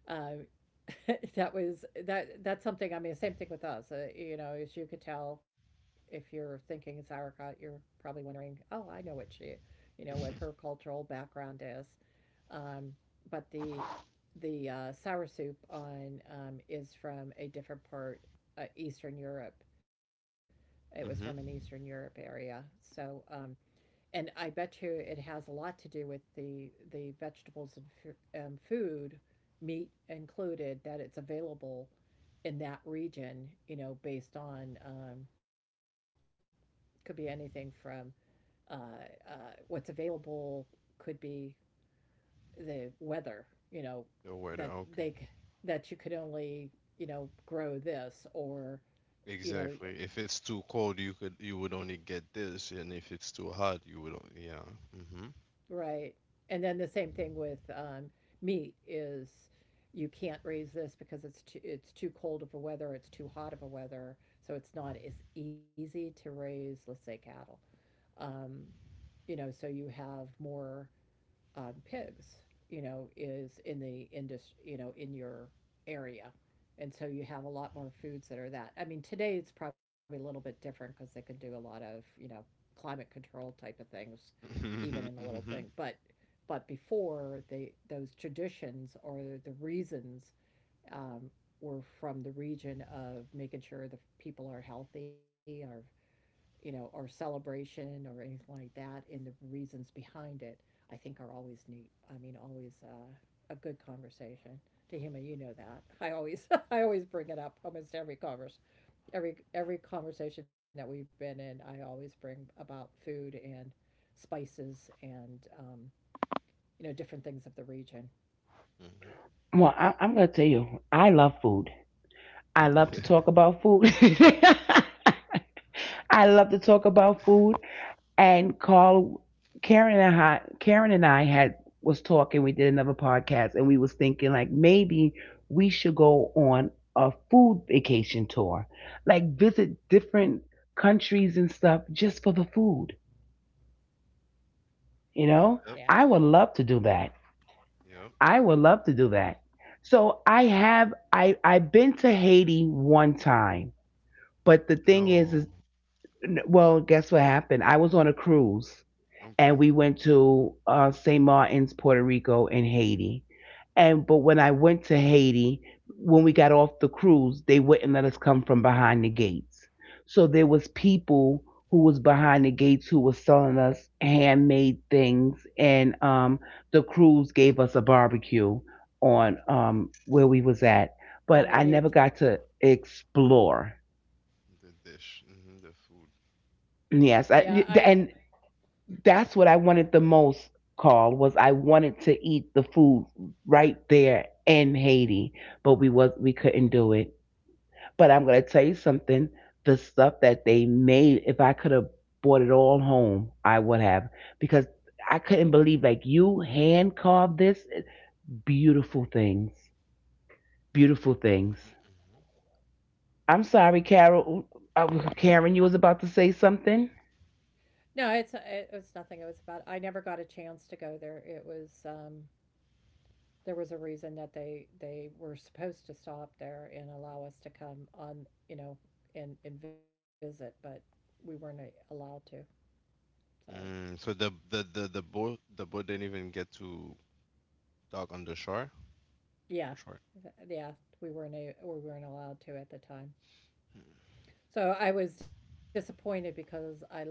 Speaker 3: Um, that that's something. I mean, same thing with us, you know, as you could tell. If you're thinking sauerkraut, you're probably wondering, oh, I know what she, you know, what her cultural background is. um, but the sour soup on is from a different part, Eastern Europe. It was from an Eastern
Speaker 2: Mhm.
Speaker 3: Europe area, so and I bet you it has a lot to do with the vegetables and food, meat included, that it's available in that region. You know, based on, could be anything from, uh, uh, what's available, could be the weather. You know,
Speaker 2: The
Speaker 3: that
Speaker 2: weather. Okay.
Speaker 3: they that you could only, you know, grow this or you know.
Speaker 2: Exactly. If it's too cold, you could, you would only get this, and if it's too hot, you would only, yeah. Mhm.
Speaker 3: Right. And then the same thing with meat is you can't raise this because it's too cold of a weather, it's too hot of a weather, so it's not as easy to raise, let's say, cattle. Um, you know, so you have more pigs, you know, is in the industry, you know, in your area. And so you have a lot more foods that are that. I mean, today it's probably a little bit different because they can do a lot of, you know, climate control type of things, even in a
Speaker 2: Mhm.
Speaker 3: little thing.
Speaker 2: Mhm.
Speaker 3: But before they those traditions or the reasons, um, were from the region of making sure the people are healthy, are, you know, or celebration or anything like that, and the reasons behind it, I think are always neat. I mean, always, a good conversation. Tahima, you know that. I always I always bring it up almost every converse every conversation that we've been in. I always bring about food and spices and you know, different things of the region.
Speaker 2: Mhm.
Speaker 1: Well, I'm gonna tell you, I love food. I love to talk about food. I love to talk about food. And Carl, Karen and I had was talking. We did another podcast, and we was thinking like maybe we should go on a food vacation tour, like visit different countries and stuff just for the food. You
Speaker 3: Yeah,
Speaker 1: know,
Speaker 2: Yep.
Speaker 1: I would love to do that.
Speaker 2: Yep.
Speaker 1: I would love to do that. So I have I've been to Haiti one time, but the thing is
Speaker 2: No.
Speaker 1: well, guess what happened? I was on a cruise
Speaker 2: Okay.
Speaker 1: and we went to St. Martin's, Puerto Rico, and Haiti. And but when I went to Haiti, when we got off the cruise, they wouldn't let us come from behind the gates. So there was people who was behind the gates who was selling us handmade things, and the cruise gave us a barbecue on where we was at. But
Speaker 3: on the
Speaker 1: I
Speaker 3: beach.
Speaker 1: never got to explore.
Speaker 2: The dish. Mhm. The food.
Speaker 3: Yeah,
Speaker 1: Yes,
Speaker 3: I
Speaker 1: I, and that's what I wanted the most, Carl, was I wanted to eat the food right there in Haiti, but we was we couldn't do it. But I'm gonna tell you something, the stuff that they made, if I could have brought it all home, I would have. Because I couldn't believe like you hand carved this eh, beautiful things. Beautiful things. I'm sorry, Carol. Uh, Karen, you was about to say something?
Speaker 3: no, it's it was nothing. It was about I never got a chance to go there. It was there was a reason that they were supposed to stop there and allow us to come on, you know, and visit, but we weren't allowed to. So
Speaker 2: Mm, so the boat, didn't even get to dock on the shore.
Speaker 3: yeah,
Speaker 2: The shore.
Speaker 3: yeah, we weren't we weren't allowed to at the time.
Speaker 2: Mm.
Speaker 3: So I was disappointed because I love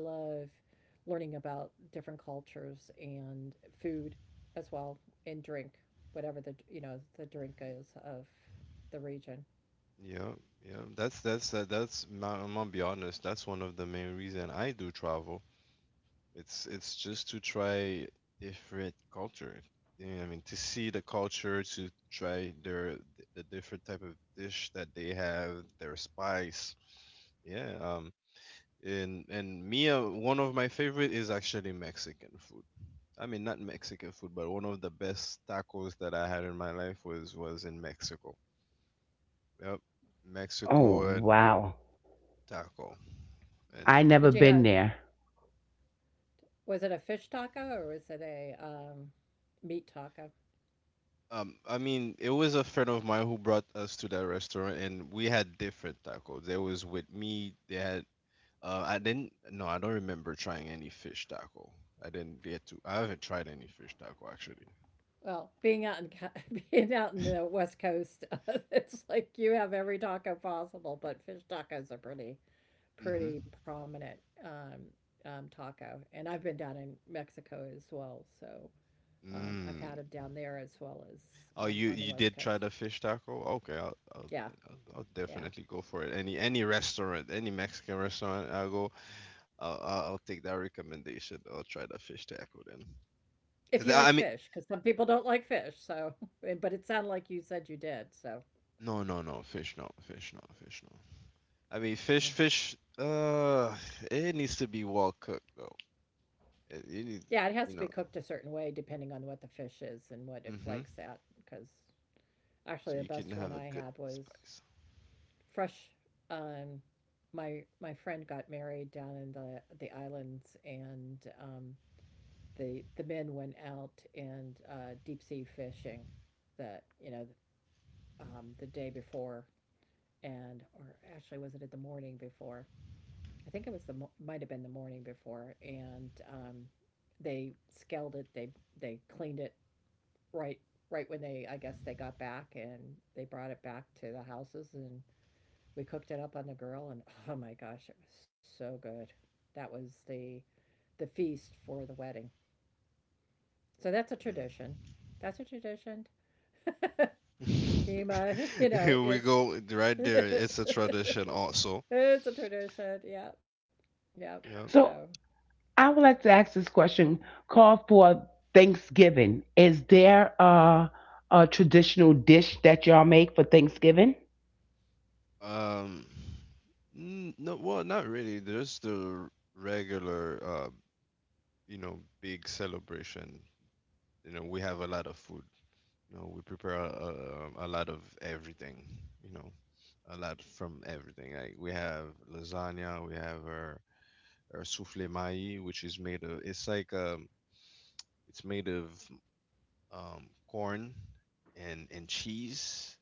Speaker 3: learning about different cultures and food as well and drink, whatever the, you know, the drink is of the region.
Speaker 2: Yeah, yeah. That's that, that's. I'm gonna be honest. That's one of the main reason I do travel. It's just to try different culture. Yeah, I mean, to see the culture, to try the different type of dish that they have, their spice. Yeah. And me, one of my favorite is actually Mexican food. I mean, not Mexican food, but one of the best tacos that I had in my life was in Mexico. Yep,
Speaker 1: Oh,
Speaker 2: Mexico and
Speaker 1: wow.
Speaker 2: taco, and
Speaker 1: I
Speaker 3: Did you
Speaker 1: never
Speaker 3: have,
Speaker 1: been there.
Speaker 3: was it a fish taco or was it a meat taco?
Speaker 2: I mean, it was a friend of mine who brought us to that restaurant, and we had different tacos. There was with me. They had. I didn't. No, I don't remember trying any fish taco. I didn't get to. I haven't tried any fish taco actually.
Speaker 3: Well, being out in being out in the West Coast, it's like you have every taco possible, but fish tacos are pretty
Speaker 2: Mm-hmm.
Speaker 3: pretty prominent um, taco. And I've been down in Mexico as well, so I've had
Speaker 2: Mm.
Speaker 3: them down there as well as
Speaker 2: Oh, you
Speaker 3: on the
Speaker 2: you
Speaker 3: West
Speaker 2: did try the
Speaker 3: Coast.
Speaker 2: fish taco?
Speaker 3: Yeah,
Speaker 2: I'll
Speaker 3: yeah.
Speaker 2: definitely go for it. Any restaurant, any Mexican restaurant I go, I'll take that recommendation. I'll try the fish taco then.
Speaker 3: If you like
Speaker 2: I mean,
Speaker 3: fish, because some people don't like fish, so but it sounded like you said you did, so.
Speaker 2: no, no, no, fish, no, fish, no, fish, no. I mean, fish,
Speaker 3: Mm.
Speaker 2: fish. It needs to be well cooked though. It needs,
Speaker 3: Yeah, it has to
Speaker 2: you
Speaker 3: be
Speaker 2: know.
Speaker 3: cooked a certain way depending on what the fish is and what it
Speaker 2: Hmm.
Speaker 3: flakes at. Because actually,
Speaker 2: So
Speaker 3: the
Speaker 2: you can
Speaker 3: best one
Speaker 2: have a
Speaker 3: I
Speaker 2: good
Speaker 3: had was
Speaker 2: spice.
Speaker 3: fresh. Um, my friend got married down in the islands, and the men went out and deep sea fishing. That, you know, the day before, and or actually was it at the morning before? I think it was might have been the morning before, and they scaled it. They cleaned it right right when they I guess they got back, and they brought it back to the houses and we cooked it up on the grill and oh my gosh, it was so good. That was the feast for the wedding. So that's a tradition. That's a tradition. Ema. you
Speaker 2: Mm.
Speaker 3: know,
Speaker 2: Here we
Speaker 3: it's
Speaker 2: go, right there. It's a tradition also.
Speaker 3: it's a tradition. Yeah. Yeah.
Speaker 2: Yeah.
Speaker 3: So
Speaker 1: So I would like to ask this question: Call for Thanksgiving. Is there a traditional dish that y'all make for Thanksgiving?
Speaker 2: Um. No, well, not really. There's the regular, you know, big celebration. You know, we have a lot of food. No, we prepare a lot of everything, you know, a lot from everything. Like we have lasagna, we have our souffle maï, which is made of, it's like, it's made of corn and cheese.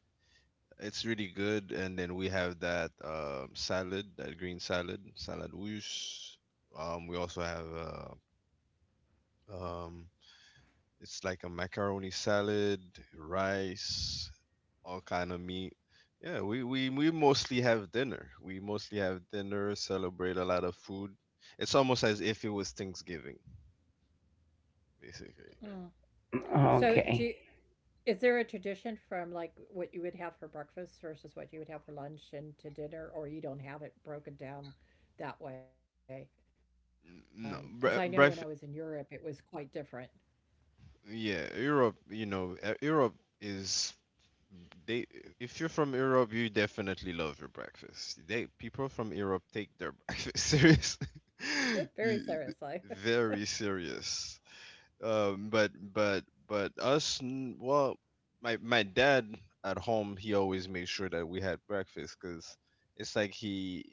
Speaker 2: It's really good. And then we have that salad, that green salad, salad russe. We also have um, it's like a macaroni salad, rice, all kind of meat. Yeah, we mostly have dinner. We mostly have dinner, celebrate a lot of food. It's almost as if it was Thanksgiving,
Speaker 3: mm.
Speaker 2: basically.
Speaker 3: So do
Speaker 2: Mhm.
Speaker 3: you,
Speaker 1: Okay.
Speaker 3: is there a tradition from like what you would have for breakfast versus what you would have for lunch and to dinner, or you don't have it broken down that way? Because I know when I
Speaker 2: No,
Speaker 3: was in Europe, it was quite different.
Speaker 2: yeah, Europe, you know, Europe is they if you're from Europe, you definitely love your breakfast. They people from Europe take their breakfast serious.
Speaker 3: Very
Speaker 2: you,
Speaker 3: seriously.
Speaker 2: th- Very serious. But us, well, my dad at home, he always made sure that we had breakfast because it's like he,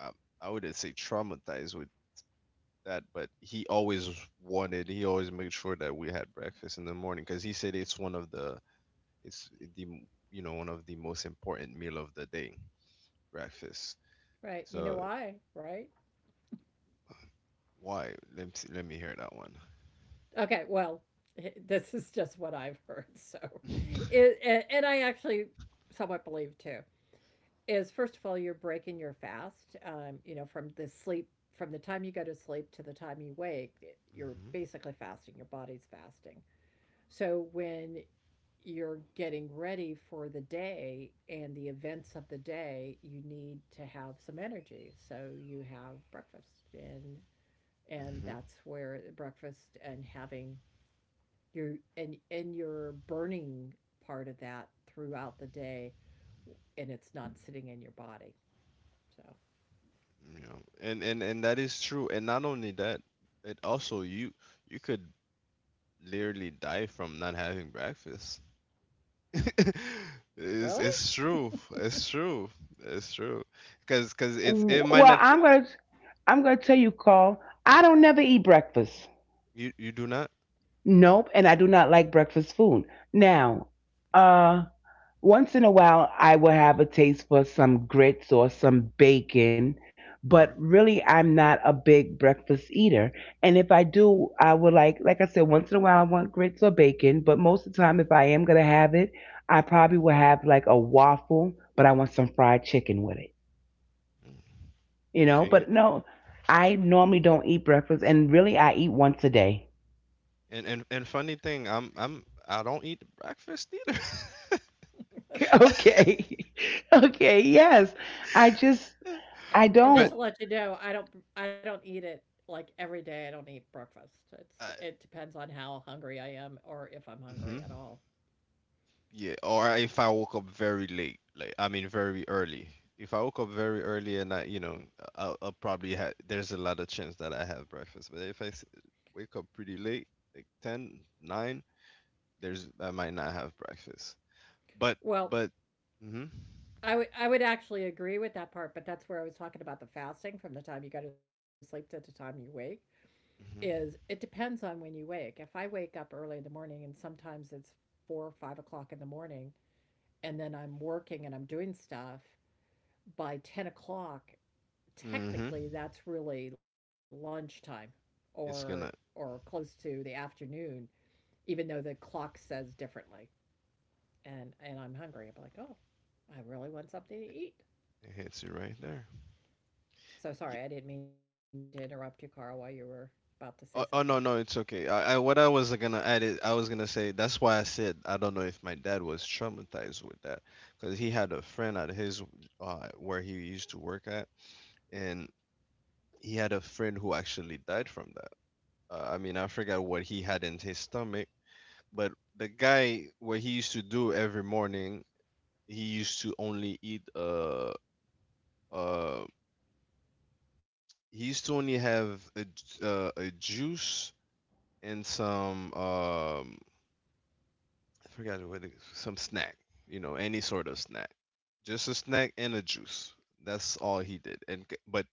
Speaker 2: um, I wouldn't say traumatized with that, but he always wanted, he always made sure that we had breakfast in the morning because he said it's one of the it's the m- you know, one of the most important meal of the day, breakfast.
Speaker 3: Right. You know
Speaker 2: So
Speaker 3: why, right?
Speaker 2: why? Let me see, let me hear that one.
Speaker 3: Okay, well, this is just what I've heard, so it, and I actually somewhat believe too. Is first of all, you're breaking your fast, you know, from the sleep, from the time you go to sleep to the time you wake, you're
Speaker 2: Hmm.
Speaker 3: basically fasting, your body's fasting. So when you're getting ready for the day and the events of the day, you need to have some energy, so you have breakfast, and that's where the breakfast and having your and your burning part of that throughout the day, and it's not sitting in your body, so
Speaker 2: You know, and that is true. And not only that, it also, you could literally die from not having breakfast. it's
Speaker 3: Charlie?
Speaker 2: it's true. It's true. It's true. Because it's, it might
Speaker 1: Well,
Speaker 2: not
Speaker 1: I'm gonna tell you, Carl. I don't never eat breakfast.
Speaker 2: you, you do not.
Speaker 1: Nope, and I do not like breakfast food. Now, uh, once in a while, I will have a taste for some grits or some bacon, but
Speaker 2: Hmm.
Speaker 1: really, I'm not a big breakfast eater. And if I do, I would like I said, once in a while, I want grits or bacon, but most of the time, if I am going to have it, I probably will have like a waffle, but I want some fried chicken with it, you know?
Speaker 2: Okay.
Speaker 1: But no, I normally don't eat breakfast, and really, I eat once a day.
Speaker 2: And funny thing, I don't eat breakfast either.
Speaker 1: Okay. Okay. Yes. I just, I
Speaker 3: And just to
Speaker 2: But
Speaker 1: don't.
Speaker 3: let you know, I don't, I don't eat it like every day. I don't eat breakfast. It's
Speaker 2: uh,
Speaker 3: it depends on how hungry I am or if I'm hungry at
Speaker 2: mhm.
Speaker 3: all.
Speaker 2: Yeah, or if I woke up very late, like I mean very early. If I woke up very early and I, you know, I'll probably have. There's a lot of chance that I have breakfast. But if I wake up pretty late, like 10, 9, there's I might not have breakfast. But
Speaker 3: Well,
Speaker 2: but, mm-hmm,
Speaker 3: I would actually agree with that part, but that's where I was talking about the fasting from the time you go to sleep to the time you wake. Is it depends on when you wake. If I wake up early in the morning and sometimes it's 4 or 5 o'clock in the morning and then I'm working and I'm doing stuff by 10 o'clock,
Speaker 2: mm-hmm, mm-hmm.
Speaker 3: technically that's really lunchtime or
Speaker 2: It's
Speaker 3: or
Speaker 2: gonna,
Speaker 3: close to the afternoon, even though the clock says differently. And I'm hungry. I'm like, oh, I really want something to eat.
Speaker 2: it hits you right there.
Speaker 3: So sorry, I didn't mean to interrupt you, Carl, while you were about to say something.
Speaker 2: Oh, oh no no, it's okay. I, what I was gonna add is I was gonna say that's why I said I don't know if my dad was traumatized with that because he had a friend at his where he used to work at, and he had a friend who actually died from that. I mean, I forgot what he had in his stomach, but the guy, what he used to do every morning, he used to only eat uh he used to only have a juice and some I forgot what it, some snack, you know, any sort of snack, just a snack and a juice. That's all he did. But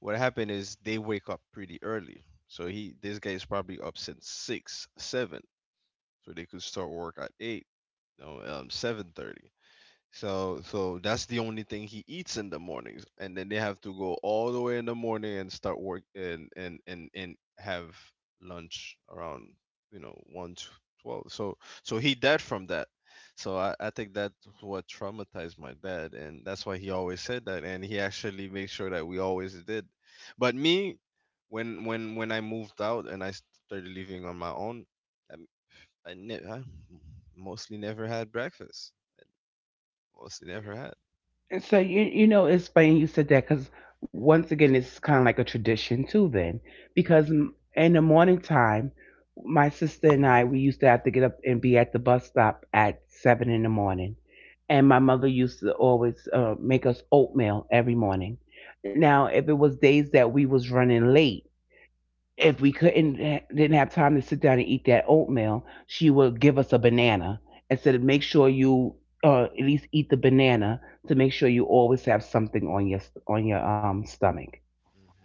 Speaker 2: what happened is they wake up pretty early, so he, this guy is probably up since 6, 7, so they could start work at 8, no, 7:30. So so that's the only thing he eats in the mornings, and then they have to go all the way in the morning and start work and have lunch around, you know, 1 to 12. So so he died from that. So I think that's what traumatized my dad, and that's why he always said that, and he actually made sure that we always did. But me, when I moved out and I started living on my own, I I mostly never had breakfast. Mostly never had.
Speaker 1: And so you know it's funny you said that because once again it's kind of like a tradition too then because m- in the morning time my sister and I
Speaker 2: Mhm.
Speaker 1: we used to have to get up and be at the bus stop at 7 in the morning, and my mother used to always make us oatmeal every morning. Now if it was days that we was running late, if we couldn't didn't have time to sit down and eat that oatmeal, she would give us a banana and said, "Make sure you at least eat the banana to make sure you always have something on your stomach."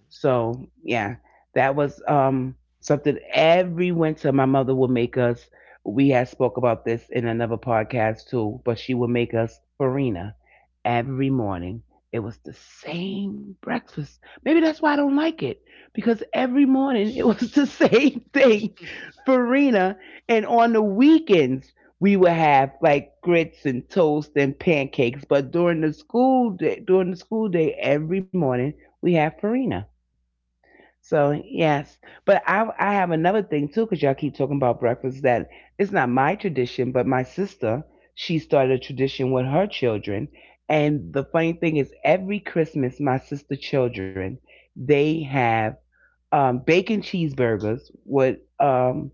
Speaker 1: So yeah, that was something every winter my mother would make us. We had spoke about this in another podcast too, but she would make us farina every morning. It was the same breakfast. Maybe that's why I don't like it because every morning it was the same thing, farina. And on the weekends we would have like grits and toast and pancakes. But during the school day, every morning we have farina. So yes, but I have another thing too because y'all keep talking about breakfast that it's not my tradition, but my sister she started a tradition with her children. And the funny thing is every Christmas my sister children they have bacon cheeseburgers with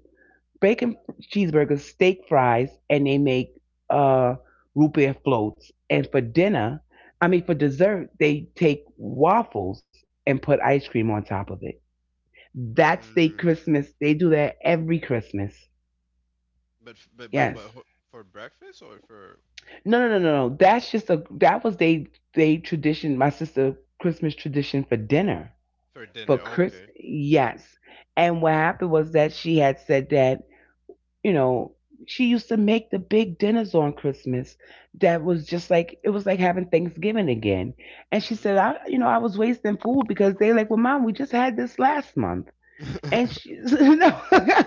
Speaker 1: bacon cheeseburgers, steak fries, and they make uh, root beer floats. And for dinner, I mean for dessert, they take waffles and put ice cream on top of it. That's their
Speaker 2: Mm.
Speaker 1: Christmas. They do that every Christmas.
Speaker 2: But
Speaker 1: Yes.
Speaker 2: for breakfast or for
Speaker 1: No, no, no, no, no. That's just a that was they tradition, my sister Christmas tradition, for dinner,
Speaker 2: for
Speaker 1: for
Speaker 2: dinner?
Speaker 1: Chris.
Speaker 2: Okay.
Speaker 1: Yes. And what happened was that she had said that you know she used to make the big dinners on Christmas. That was just like, it was like having Thanksgiving again. And she
Speaker 2: Hmm.
Speaker 1: said, I you know I was wasting food because they like, well, mom, we just had this last month. And she no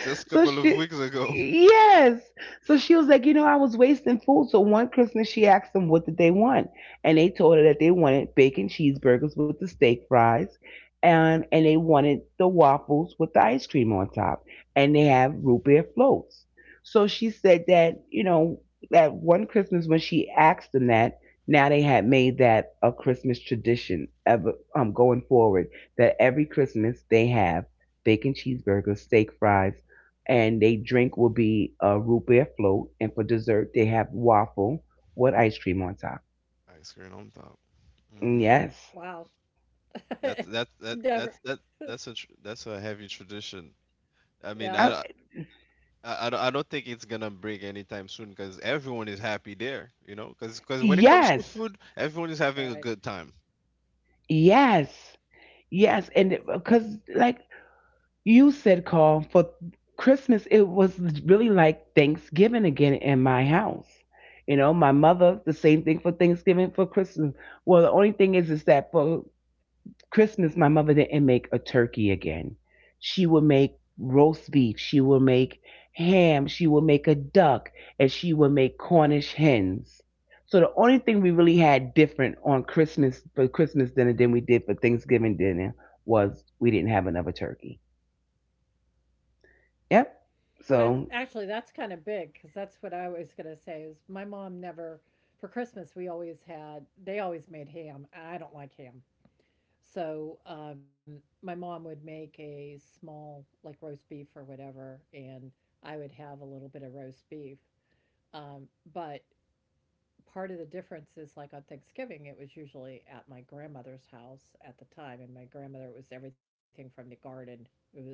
Speaker 2: Just a
Speaker 1: so
Speaker 2: couple of
Speaker 1: she
Speaker 2: weeks ago.
Speaker 1: yes. So she was like, I was wasting food. So one Christmas she asked them what did they want, and they told her that they wanted bacon cheeseburgers with the steak fries, and they wanted the waffles with the ice cream on top, and they have
Speaker 2: Mhm.
Speaker 1: root beer floats. So she said that, that one Christmas when she asked them that, now they had made that a Christmas tradition ever going forward, that every Christmas they have bacon cheeseburgers, steak fries, and they drink will be a root beer float. And for dessert, they have waffle with ice cream on top.
Speaker 2: Ice cream on top.
Speaker 1: Mm,
Speaker 2: Hmm.
Speaker 1: yes.
Speaker 3: Wow,
Speaker 2: That's that's that
Speaker 3: never.
Speaker 2: that's that that's a that's a heavy tradition. I
Speaker 1: Uh,
Speaker 2: mean, I
Speaker 3: Yeah,
Speaker 2: don't. I don't, I don't think it's gonna break anytime soon because everyone is happy there, you know. Because when it comes to
Speaker 1: yes.
Speaker 2: food, everyone is having
Speaker 3: right.
Speaker 2: a good time.
Speaker 1: Yes. Yes. And because, like you said, Carl, for Christmas, it was really like Thanksgiving again in my house. You know, my mother, the same thing for Thanksgiving, for Christmas. Well, the only thing is that for Christmas, my mother didn't make a turkey again. She would make roast beef, she would make ham, she would make a duck, and she would make Cornish hens. So the only thing we really had different on Christmas for Christmas dinner than we did for Thanksgiving dinner was we didn't have another turkey. Yep. So
Speaker 3: Actually, that's kind of big because that's what I was gonna say. Is my mom never, for Christmas we always had, they always made ham. I don't like ham. So my mom would make a small, like roast beef or whatever, and I would have a little bit of roast beef. Um, but part of the difference is like on Thanksgiving, it was usually at my grandmother's house at the time. And my grandmother, it was everything from the garden. It was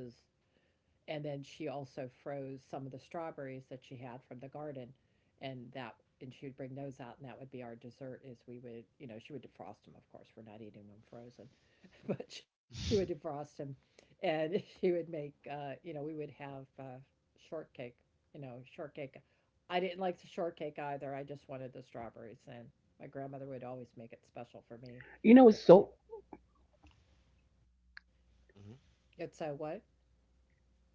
Speaker 3: and then she also froze some of the strawberries that she had from the garden, and that and she would bring those out, and that would be our dessert. Is we would, you know, she would defrost them. Of course, we're not eating them frozen, but she would defrost them, and she would make, you know, we would have, shortcake. You know, shortcake. I didn't like the shortcake either. I just wanted the
Speaker 1: you
Speaker 3: strawberries,
Speaker 1: know it's
Speaker 3: and
Speaker 1: so
Speaker 3: my grandmother would always make it special for me, differently. It's
Speaker 1: so
Speaker 3: what?
Speaker 1: you know it's so funny.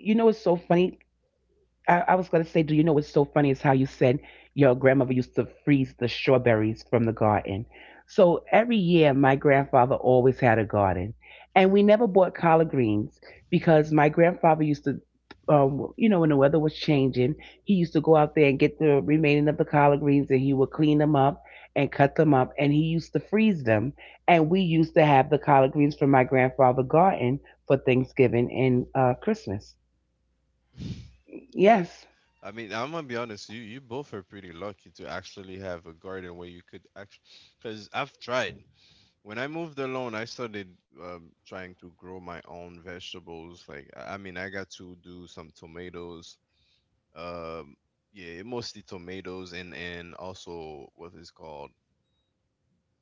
Speaker 1: I was gonna say, do you know what's so funny is how you said your grandmother used to freeze the strawberries from the garden. So every year, my grandfather always had a garden, and we never bought collard greens because my grandfather used to, you know, when the weather was changing, he used to go out there and get the remaining of the collard greens, and he would clean them up and cut them up, and he used to freeze them, and we used to have the collard greens from my grandfather's garden for Thanksgiving and Christmas.
Speaker 3: All right,
Speaker 1: Yes.
Speaker 2: I mean, I'm gonna be honest. You both are pretty lucky to actually have a garden where you could actually. Because I've tried. When I moved alone, I started, trying to grow my own vegetables. Like I mean, I got to do some tomatoes. Um, yeah, mostly tomatoes, and also what is called,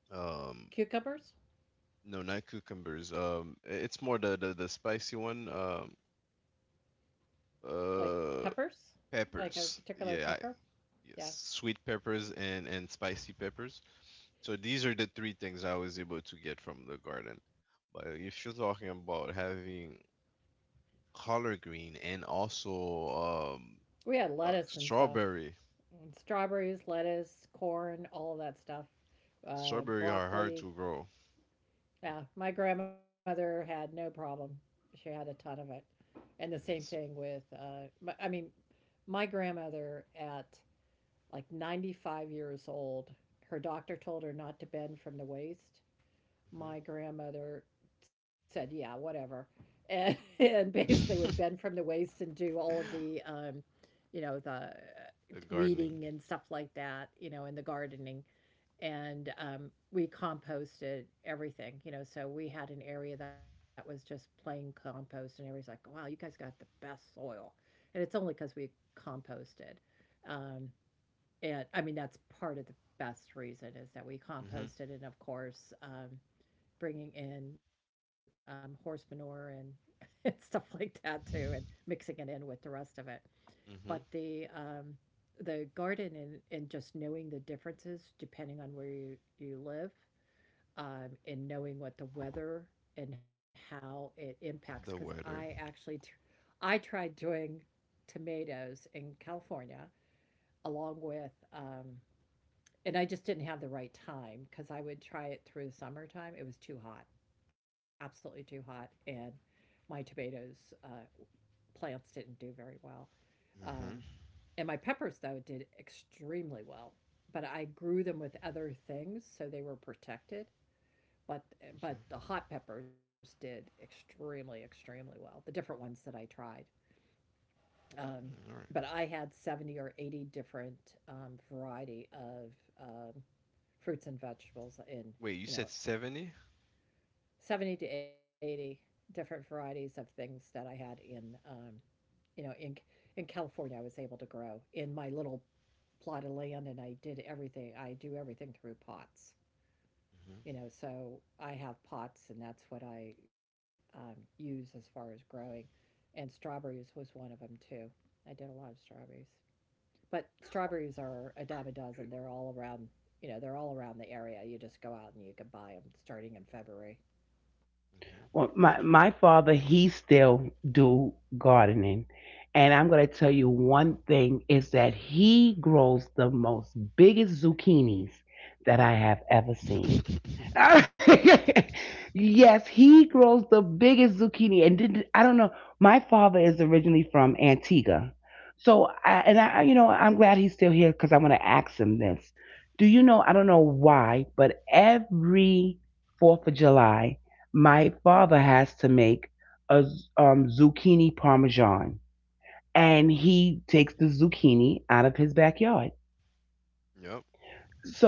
Speaker 2: um
Speaker 3: cucumbers.
Speaker 2: no, not cucumbers. It's more the spicy one.
Speaker 3: Like
Speaker 2: Uh,
Speaker 3: peppers? Like a
Speaker 2: peppers.
Speaker 3: particular
Speaker 2: Yeah, I,
Speaker 3: pepper?
Speaker 2: yes,
Speaker 3: Yeah.
Speaker 2: sweet peppers and spicy peppers. So these are the three things I was able to get from the garden. But if you're talking about having collard green and also
Speaker 3: We had lettuce and stuff.
Speaker 2: strawberry,
Speaker 3: And strawberries, lettuce, corn, all of that stuff.
Speaker 2: strawberry are hard to
Speaker 3: Broccoli.
Speaker 2: grow.
Speaker 3: Yeah, my grandmother had no problem. She had a ton of it. And the same thing
Speaker 2: It's-
Speaker 3: with, my, I mean, my grandmother at like 95 years old, her doctor told her not to bend from the waist.
Speaker 2: mhm.
Speaker 3: My grandmother said, "Yeah, whatever," and and basically would bend from the waist and do all of the, you know, the
Speaker 2: The gardening,
Speaker 3: weeding and stuff like that, you know, and the gardening. And we composted everything, you know. So we had an area that was just plain compost, and everybody's like, "Wow, you guys got the best soil," and it's only because we composted. Um, and I mean, that's part of the best reason is that we
Speaker 2: hmm,
Speaker 3: composted, and of course. Bringing in horse manure and, and stuff like that too, and mixing it in with the rest of it. But
Speaker 2: hmm,
Speaker 3: the garden and just knowing the differences depending on where you live, and knowing what the weather and how it impacts because
Speaker 2: the weather.
Speaker 3: I tried doing tomatoes in California along with and I just didn't have the right time because I would try it through the summertime. It was too hot, absolutely too hot, and my tomatoes plants didn't do very well. Um,
Speaker 2: Hmm.
Speaker 3: and my peppers though did extremely well, but I grew them with other things so they were protected. But but the hot peppers did extremely extremely well. The different ones that I tried. Um,
Speaker 2: All right.
Speaker 3: but I had 70 or 80 different variety of um, fruits and vegetables in,
Speaker 2: Wait, you
Speaker 3: you
Speaker 2: said
Speaker 3: know,
Speaker 2: 70?
Speaker 3: 70 to 80 different varieties of things that I had in, you know, in in California, I was able to grow in my little plot of land, and I did everything. I do everything through pots,
Speaker 2: Mm-hmm.
Speaker 3: you know. So I have pots, and that's what I use as far as growing. And strawberries was one of them too. I did a lot of strawberries. But strawberries are a dime a dozen. They're all around, they're all around the area. You just go out and you can buy them starting in February.
Speaker 1: Well, my father, he still do gardening, and I'm gonna tell you one thing is that he grows the most biggest zucchinis that I have ever seen. Yes, he grows the biggest zucchini, and did, I don't know. My father is originally from Antigua, so I, and I, you know, I'm glad he's still here because I want to ask him this. Do you know? I don't know why, but every Fourth of July my father has to make a zucchini parmesan, and he takes the zucchini out of his backyard.
Speaker 2: Yep.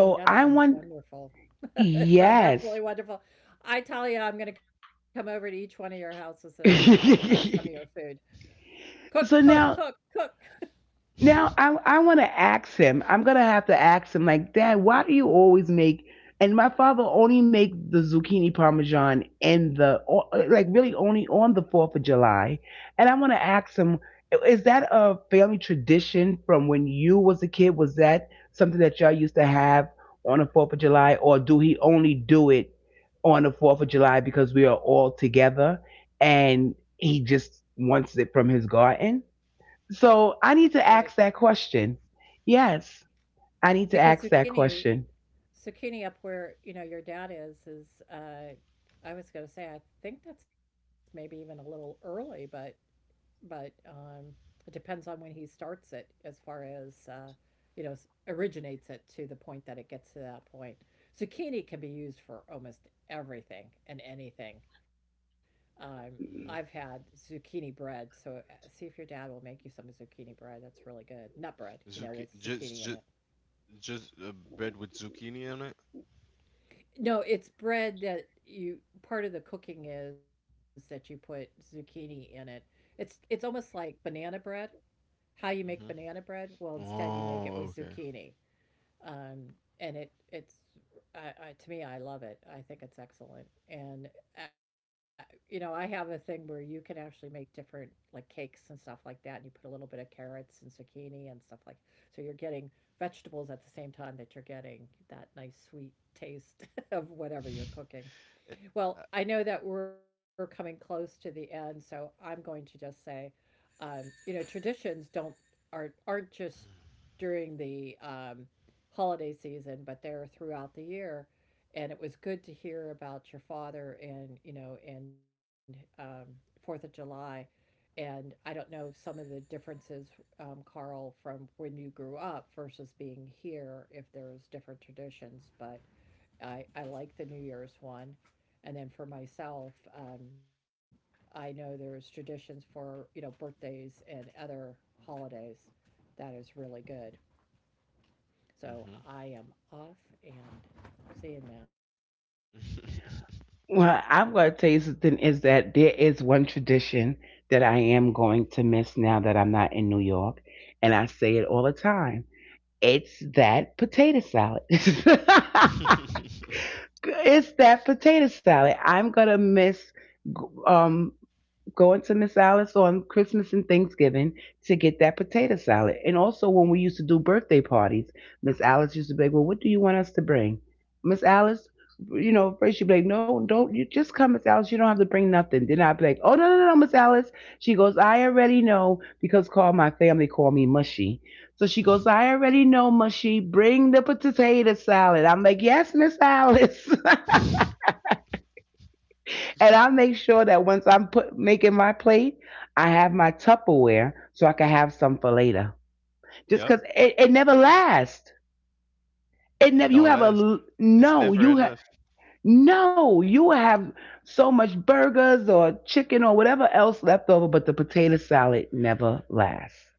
Speaker 3: Mm, that
Speaker 1: I
Speaker 3: sounds
Speaker 1: want,
Speaker 3: wonderful. It sounds
Speaker 1: yes.
Speaker 3: absolutely wonderful. I tell you, I'm going to come over to each one of your houses and I'm going to have some of your food. Cook,
Speaker 1: so
Speaker 3: cook, cook,
Speaker 1: now
Speaker 3: cook.
Speaker 2: Hmm.
Speaker 1: Now I want to ask him. I'm gonna have to ask him, like, Dad, why do you always make? And my father only make the zucchini parmesan and the like really only on the Fourth of July. And I want to ask him, is that a family tradition from when you was a kid? Was that something that y'all used to have on the Fourth of July, or do he only do it on the Fourth of July because we are all together and he just wants it from his garden? So I need
Speaker 3: Right.
Speaker 1: to ask that question. Yes, I need
Speaker 3: Because
Speaker 1: to ask that
Speaker 3: zucchini,
Speaker 1: question.
Speaker 3: zucchini up where, you know, your dad is, is, I was going to say, I think that's maybe even a little early, but it depends on when he starts it as far as you know, originates it to the point that it gets to that point. Zucchini can be used for almost everything and anything. um, I've had zucchini bread, so see if your dad will make you some zucchini bread. That's really good nut bread, you know, with
Speaker 2: Zucchini,
Speaker 3: zucchini
Speaker 2: just,
Speaker 3: in it.
Speaker 2: just a bread with zucchini on it.
Speaker 3: No, it's bread that you part of the cooking is that you put zucchini in it. It's almost like banana bread, how you make
Speaker 2: Hmm.
Speaker 3: banana bread. Well, instead you make it
Speaker 2: Oh,
Speaker 3: with
Speaker 2: okay.
Speaker 3: zucchini, um, and it it's I, to me I love it. I think it's excellent. And uh, you know, I have a thing where you can actually make different like cakes and stuff like that, and you put a little bit of carrots and zucchini and stuff like. So you're getting vegetables at the same time that you're getting that nice sweet taste of whatever you're cooking.
Speaker 2: It, uh,
Speaker 3: Well, I know that we're coming close to the end, so I'm going to just say, um, you know, traditions don't aren't just during the holiday season, but they're throughout the year. And it was good to hear about your father, and you know, and 4th of July. And I don't know some of the differences, Carl, from when you grew up versus being here, if there's different traditions, but I like the New Year's one. And then for myself, um, I know there's traditions for, you know, birthdays and other holidays that is really good. So
Speaker 2: mhm.
Speaker 3: I am off and seeing now.
Speaker 1: Well, I'm going to tell you something is that there is one tradition that I am going to miss now that I'm not in New York. And I say it all the time, it's that potato salad. It's that potato salad. I'm um, going to Miss Alice on Christmas and Thanksgiving to get that potato salad. And also when we used to do birthday parties, Miss Alice used to be like, "Well, what do you want us to bring? Miss Alice, you know, first," she'd be like, "No, don't you just come, Miss Alice, you don't have to bring nothing." Then I'd be like, "Oh no, no, no, no, Miss Alice." She goes, "I already know because call my family call me mushy." So she goes, "I already know, mushy, bring the potato salad." I'm like, "Yes, Miss Alice." And I make sure that once I'm put making my plate, I have my Tupperware so I can have some for later. Just
Speaker 2: Yep.
Speaker 1: because it never lasts. It
Speaker 2: It
Speaker 1: never.
Speaker 2: don't
Speaker 1: You have
Speaker 2: last.
Speaker 1: a
Speaker 2: It's never
Speaker 1: no. You
Speaker 2: enough.
Speaker 1: have No, you have so much burgers or chicken or whatever else left over, but the potato salad never lasts.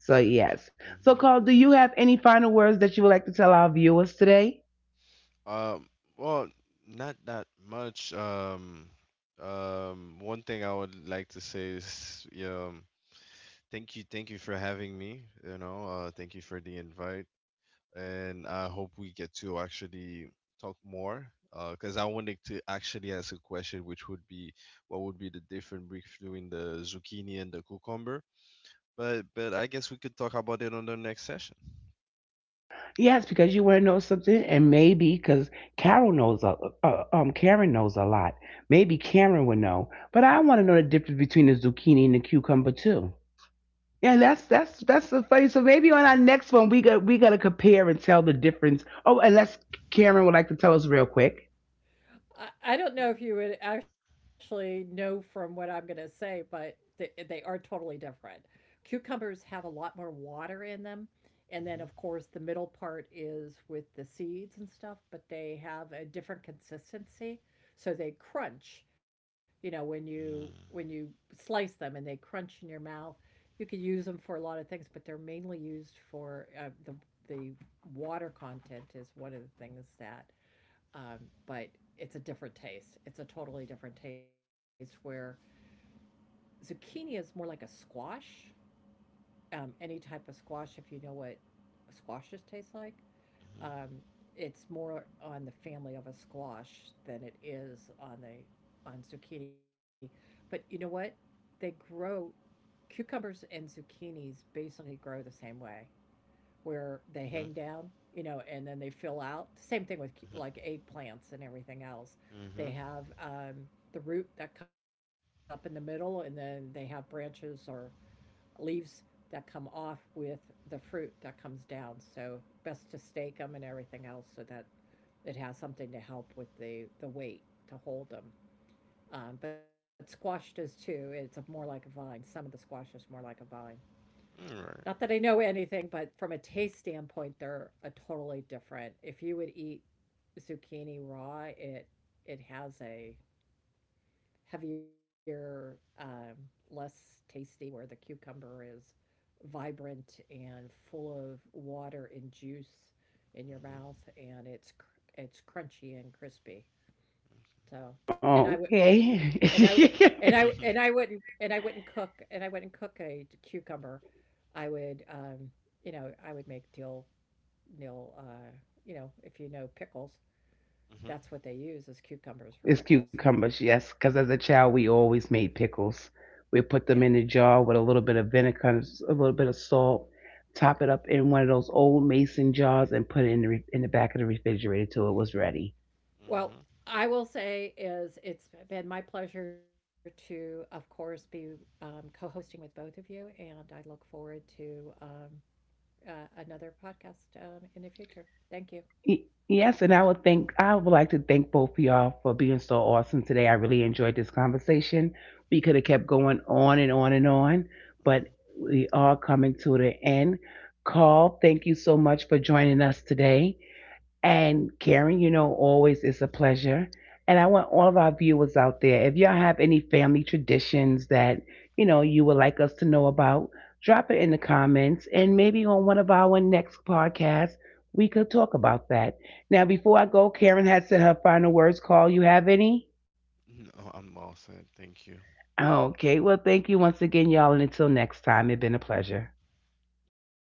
Speaker 1: So yes. So,
Speaker 2: Hmm.
Speaker 1: Carl, do you have any final words that you would like to tell our viewers today?
Speaker 2: Um, well, not that much. One thing I would like to say is, yeah, thank you for having me. You know, thank you for the invite, and I hope we get to actually talk more. Because I wanted to actually ask a question, which would be, what would be the difference between the zucchini and the cucumber? But I guess we could talk about it on the next session.
Speaker 1: Yes, because you want to know something, and maybe because Carol knows a, Karen knows a lot. Maybe Karen would know, but I want to know the difference between the zucchini and the cucumber too. Yeah, that's so funny. So maybe on our next one, we gotta compare and tell the difference. Oh, unless Karen would like to tell us real quick.
Speaker 3: I don't know if you would actually know from what I'm going to say, but they are totally different. Cucumbers have a lot more water in them. And
Speaker 2: Mhm,
Speaker 3: then, of course, the middle part is with the seeds and stuff, but they have a different consistency. So they crunch, you know, when you slice them and they crunch in your mouth. You could use them for a lot of things, but they're mainly used for the water content is one of the things that um, but it's a different taste. It's a totally different taste where zucchini is more like a squash, any type of squash, if you know what squashes taste like. Um, it's more on the family of a squash than it is on the on zucchini. But you know what? They grow cucumbers and zucchinis basically grow the same way where they
Speaker 2: mhm,
Speaker 3: hang down, you know, and then they fill out. Same thing with
Speaker 2: mhm,
Speaker 3: like eggplants and everything else.
Speaker 2: mhm.
Speaker 3: They have the root that comes up in the middle, and then they have branches or leaves that come off with the fruit that comes down. So best to stake them and everything else so that it has something to help with the weight to hold them. But squash does too. It's a more like a vine. Some of the squash is more like a vine.
Speaker 2: All right.
Speaker 3: Not that I know anything, but from a taste standpoint, they're a totally different. If you would eat zucchini raw, it has a heavier, less tasty, where the cucumber is vibrant and full of water and juice in your mouth, and it's crunchy and crispy. So, and I would
Speaker 1: Okay.
Speaker 3: and I w- and I wouldn't cook and I wouldn't cook a cucumber. I would, you know, I would make dill. You know, if you know pickles,
Speaker 2: Mhm,
Speaker 3: that's what they use as cucumbers for
Speaker 1: It's
Speaker 3: pickles.
Speaker 1: cucumbers, yes, because as a child we always made pickles.
Speaker 3: Yeah.
Speaker 1: We put them in a jar with a little bit of vinegar, a little bit of salt, top it up in one of those old mason jars, and put it in the in the back of the refrigerator till it was ready.
Speaker 2: mhm,
Speaker 3: Well, I will say is it's been my pleasure to, of course, be co-hosting with both of you, and I look forward to uh, another podcast in the future. Thank you.
Speaker 1: Yes, and I would like to thank both of y'all for being so awesome today. I really enjoyed this conversation. We could have kept going on and on and on, but
Speaker 2: mhm.
Speaker 1: we are coming to the end. Carl, thank you so much for joining us today. And Karen, you know, always is a pleasure. And I want all of our viewers out there, if y'all have any family traditions that, you know, you would like us to know about, drop it in the comments. And maybe on one of our next podcasts, we could talk about that. Now, before I go, Karen has said her final words. Call, you have any?
Speaker 2: No, I'm all set. Thank you.
Speaker 1: Okay. Well, thank you once again, y'all. And until next time, it's been a pleasure.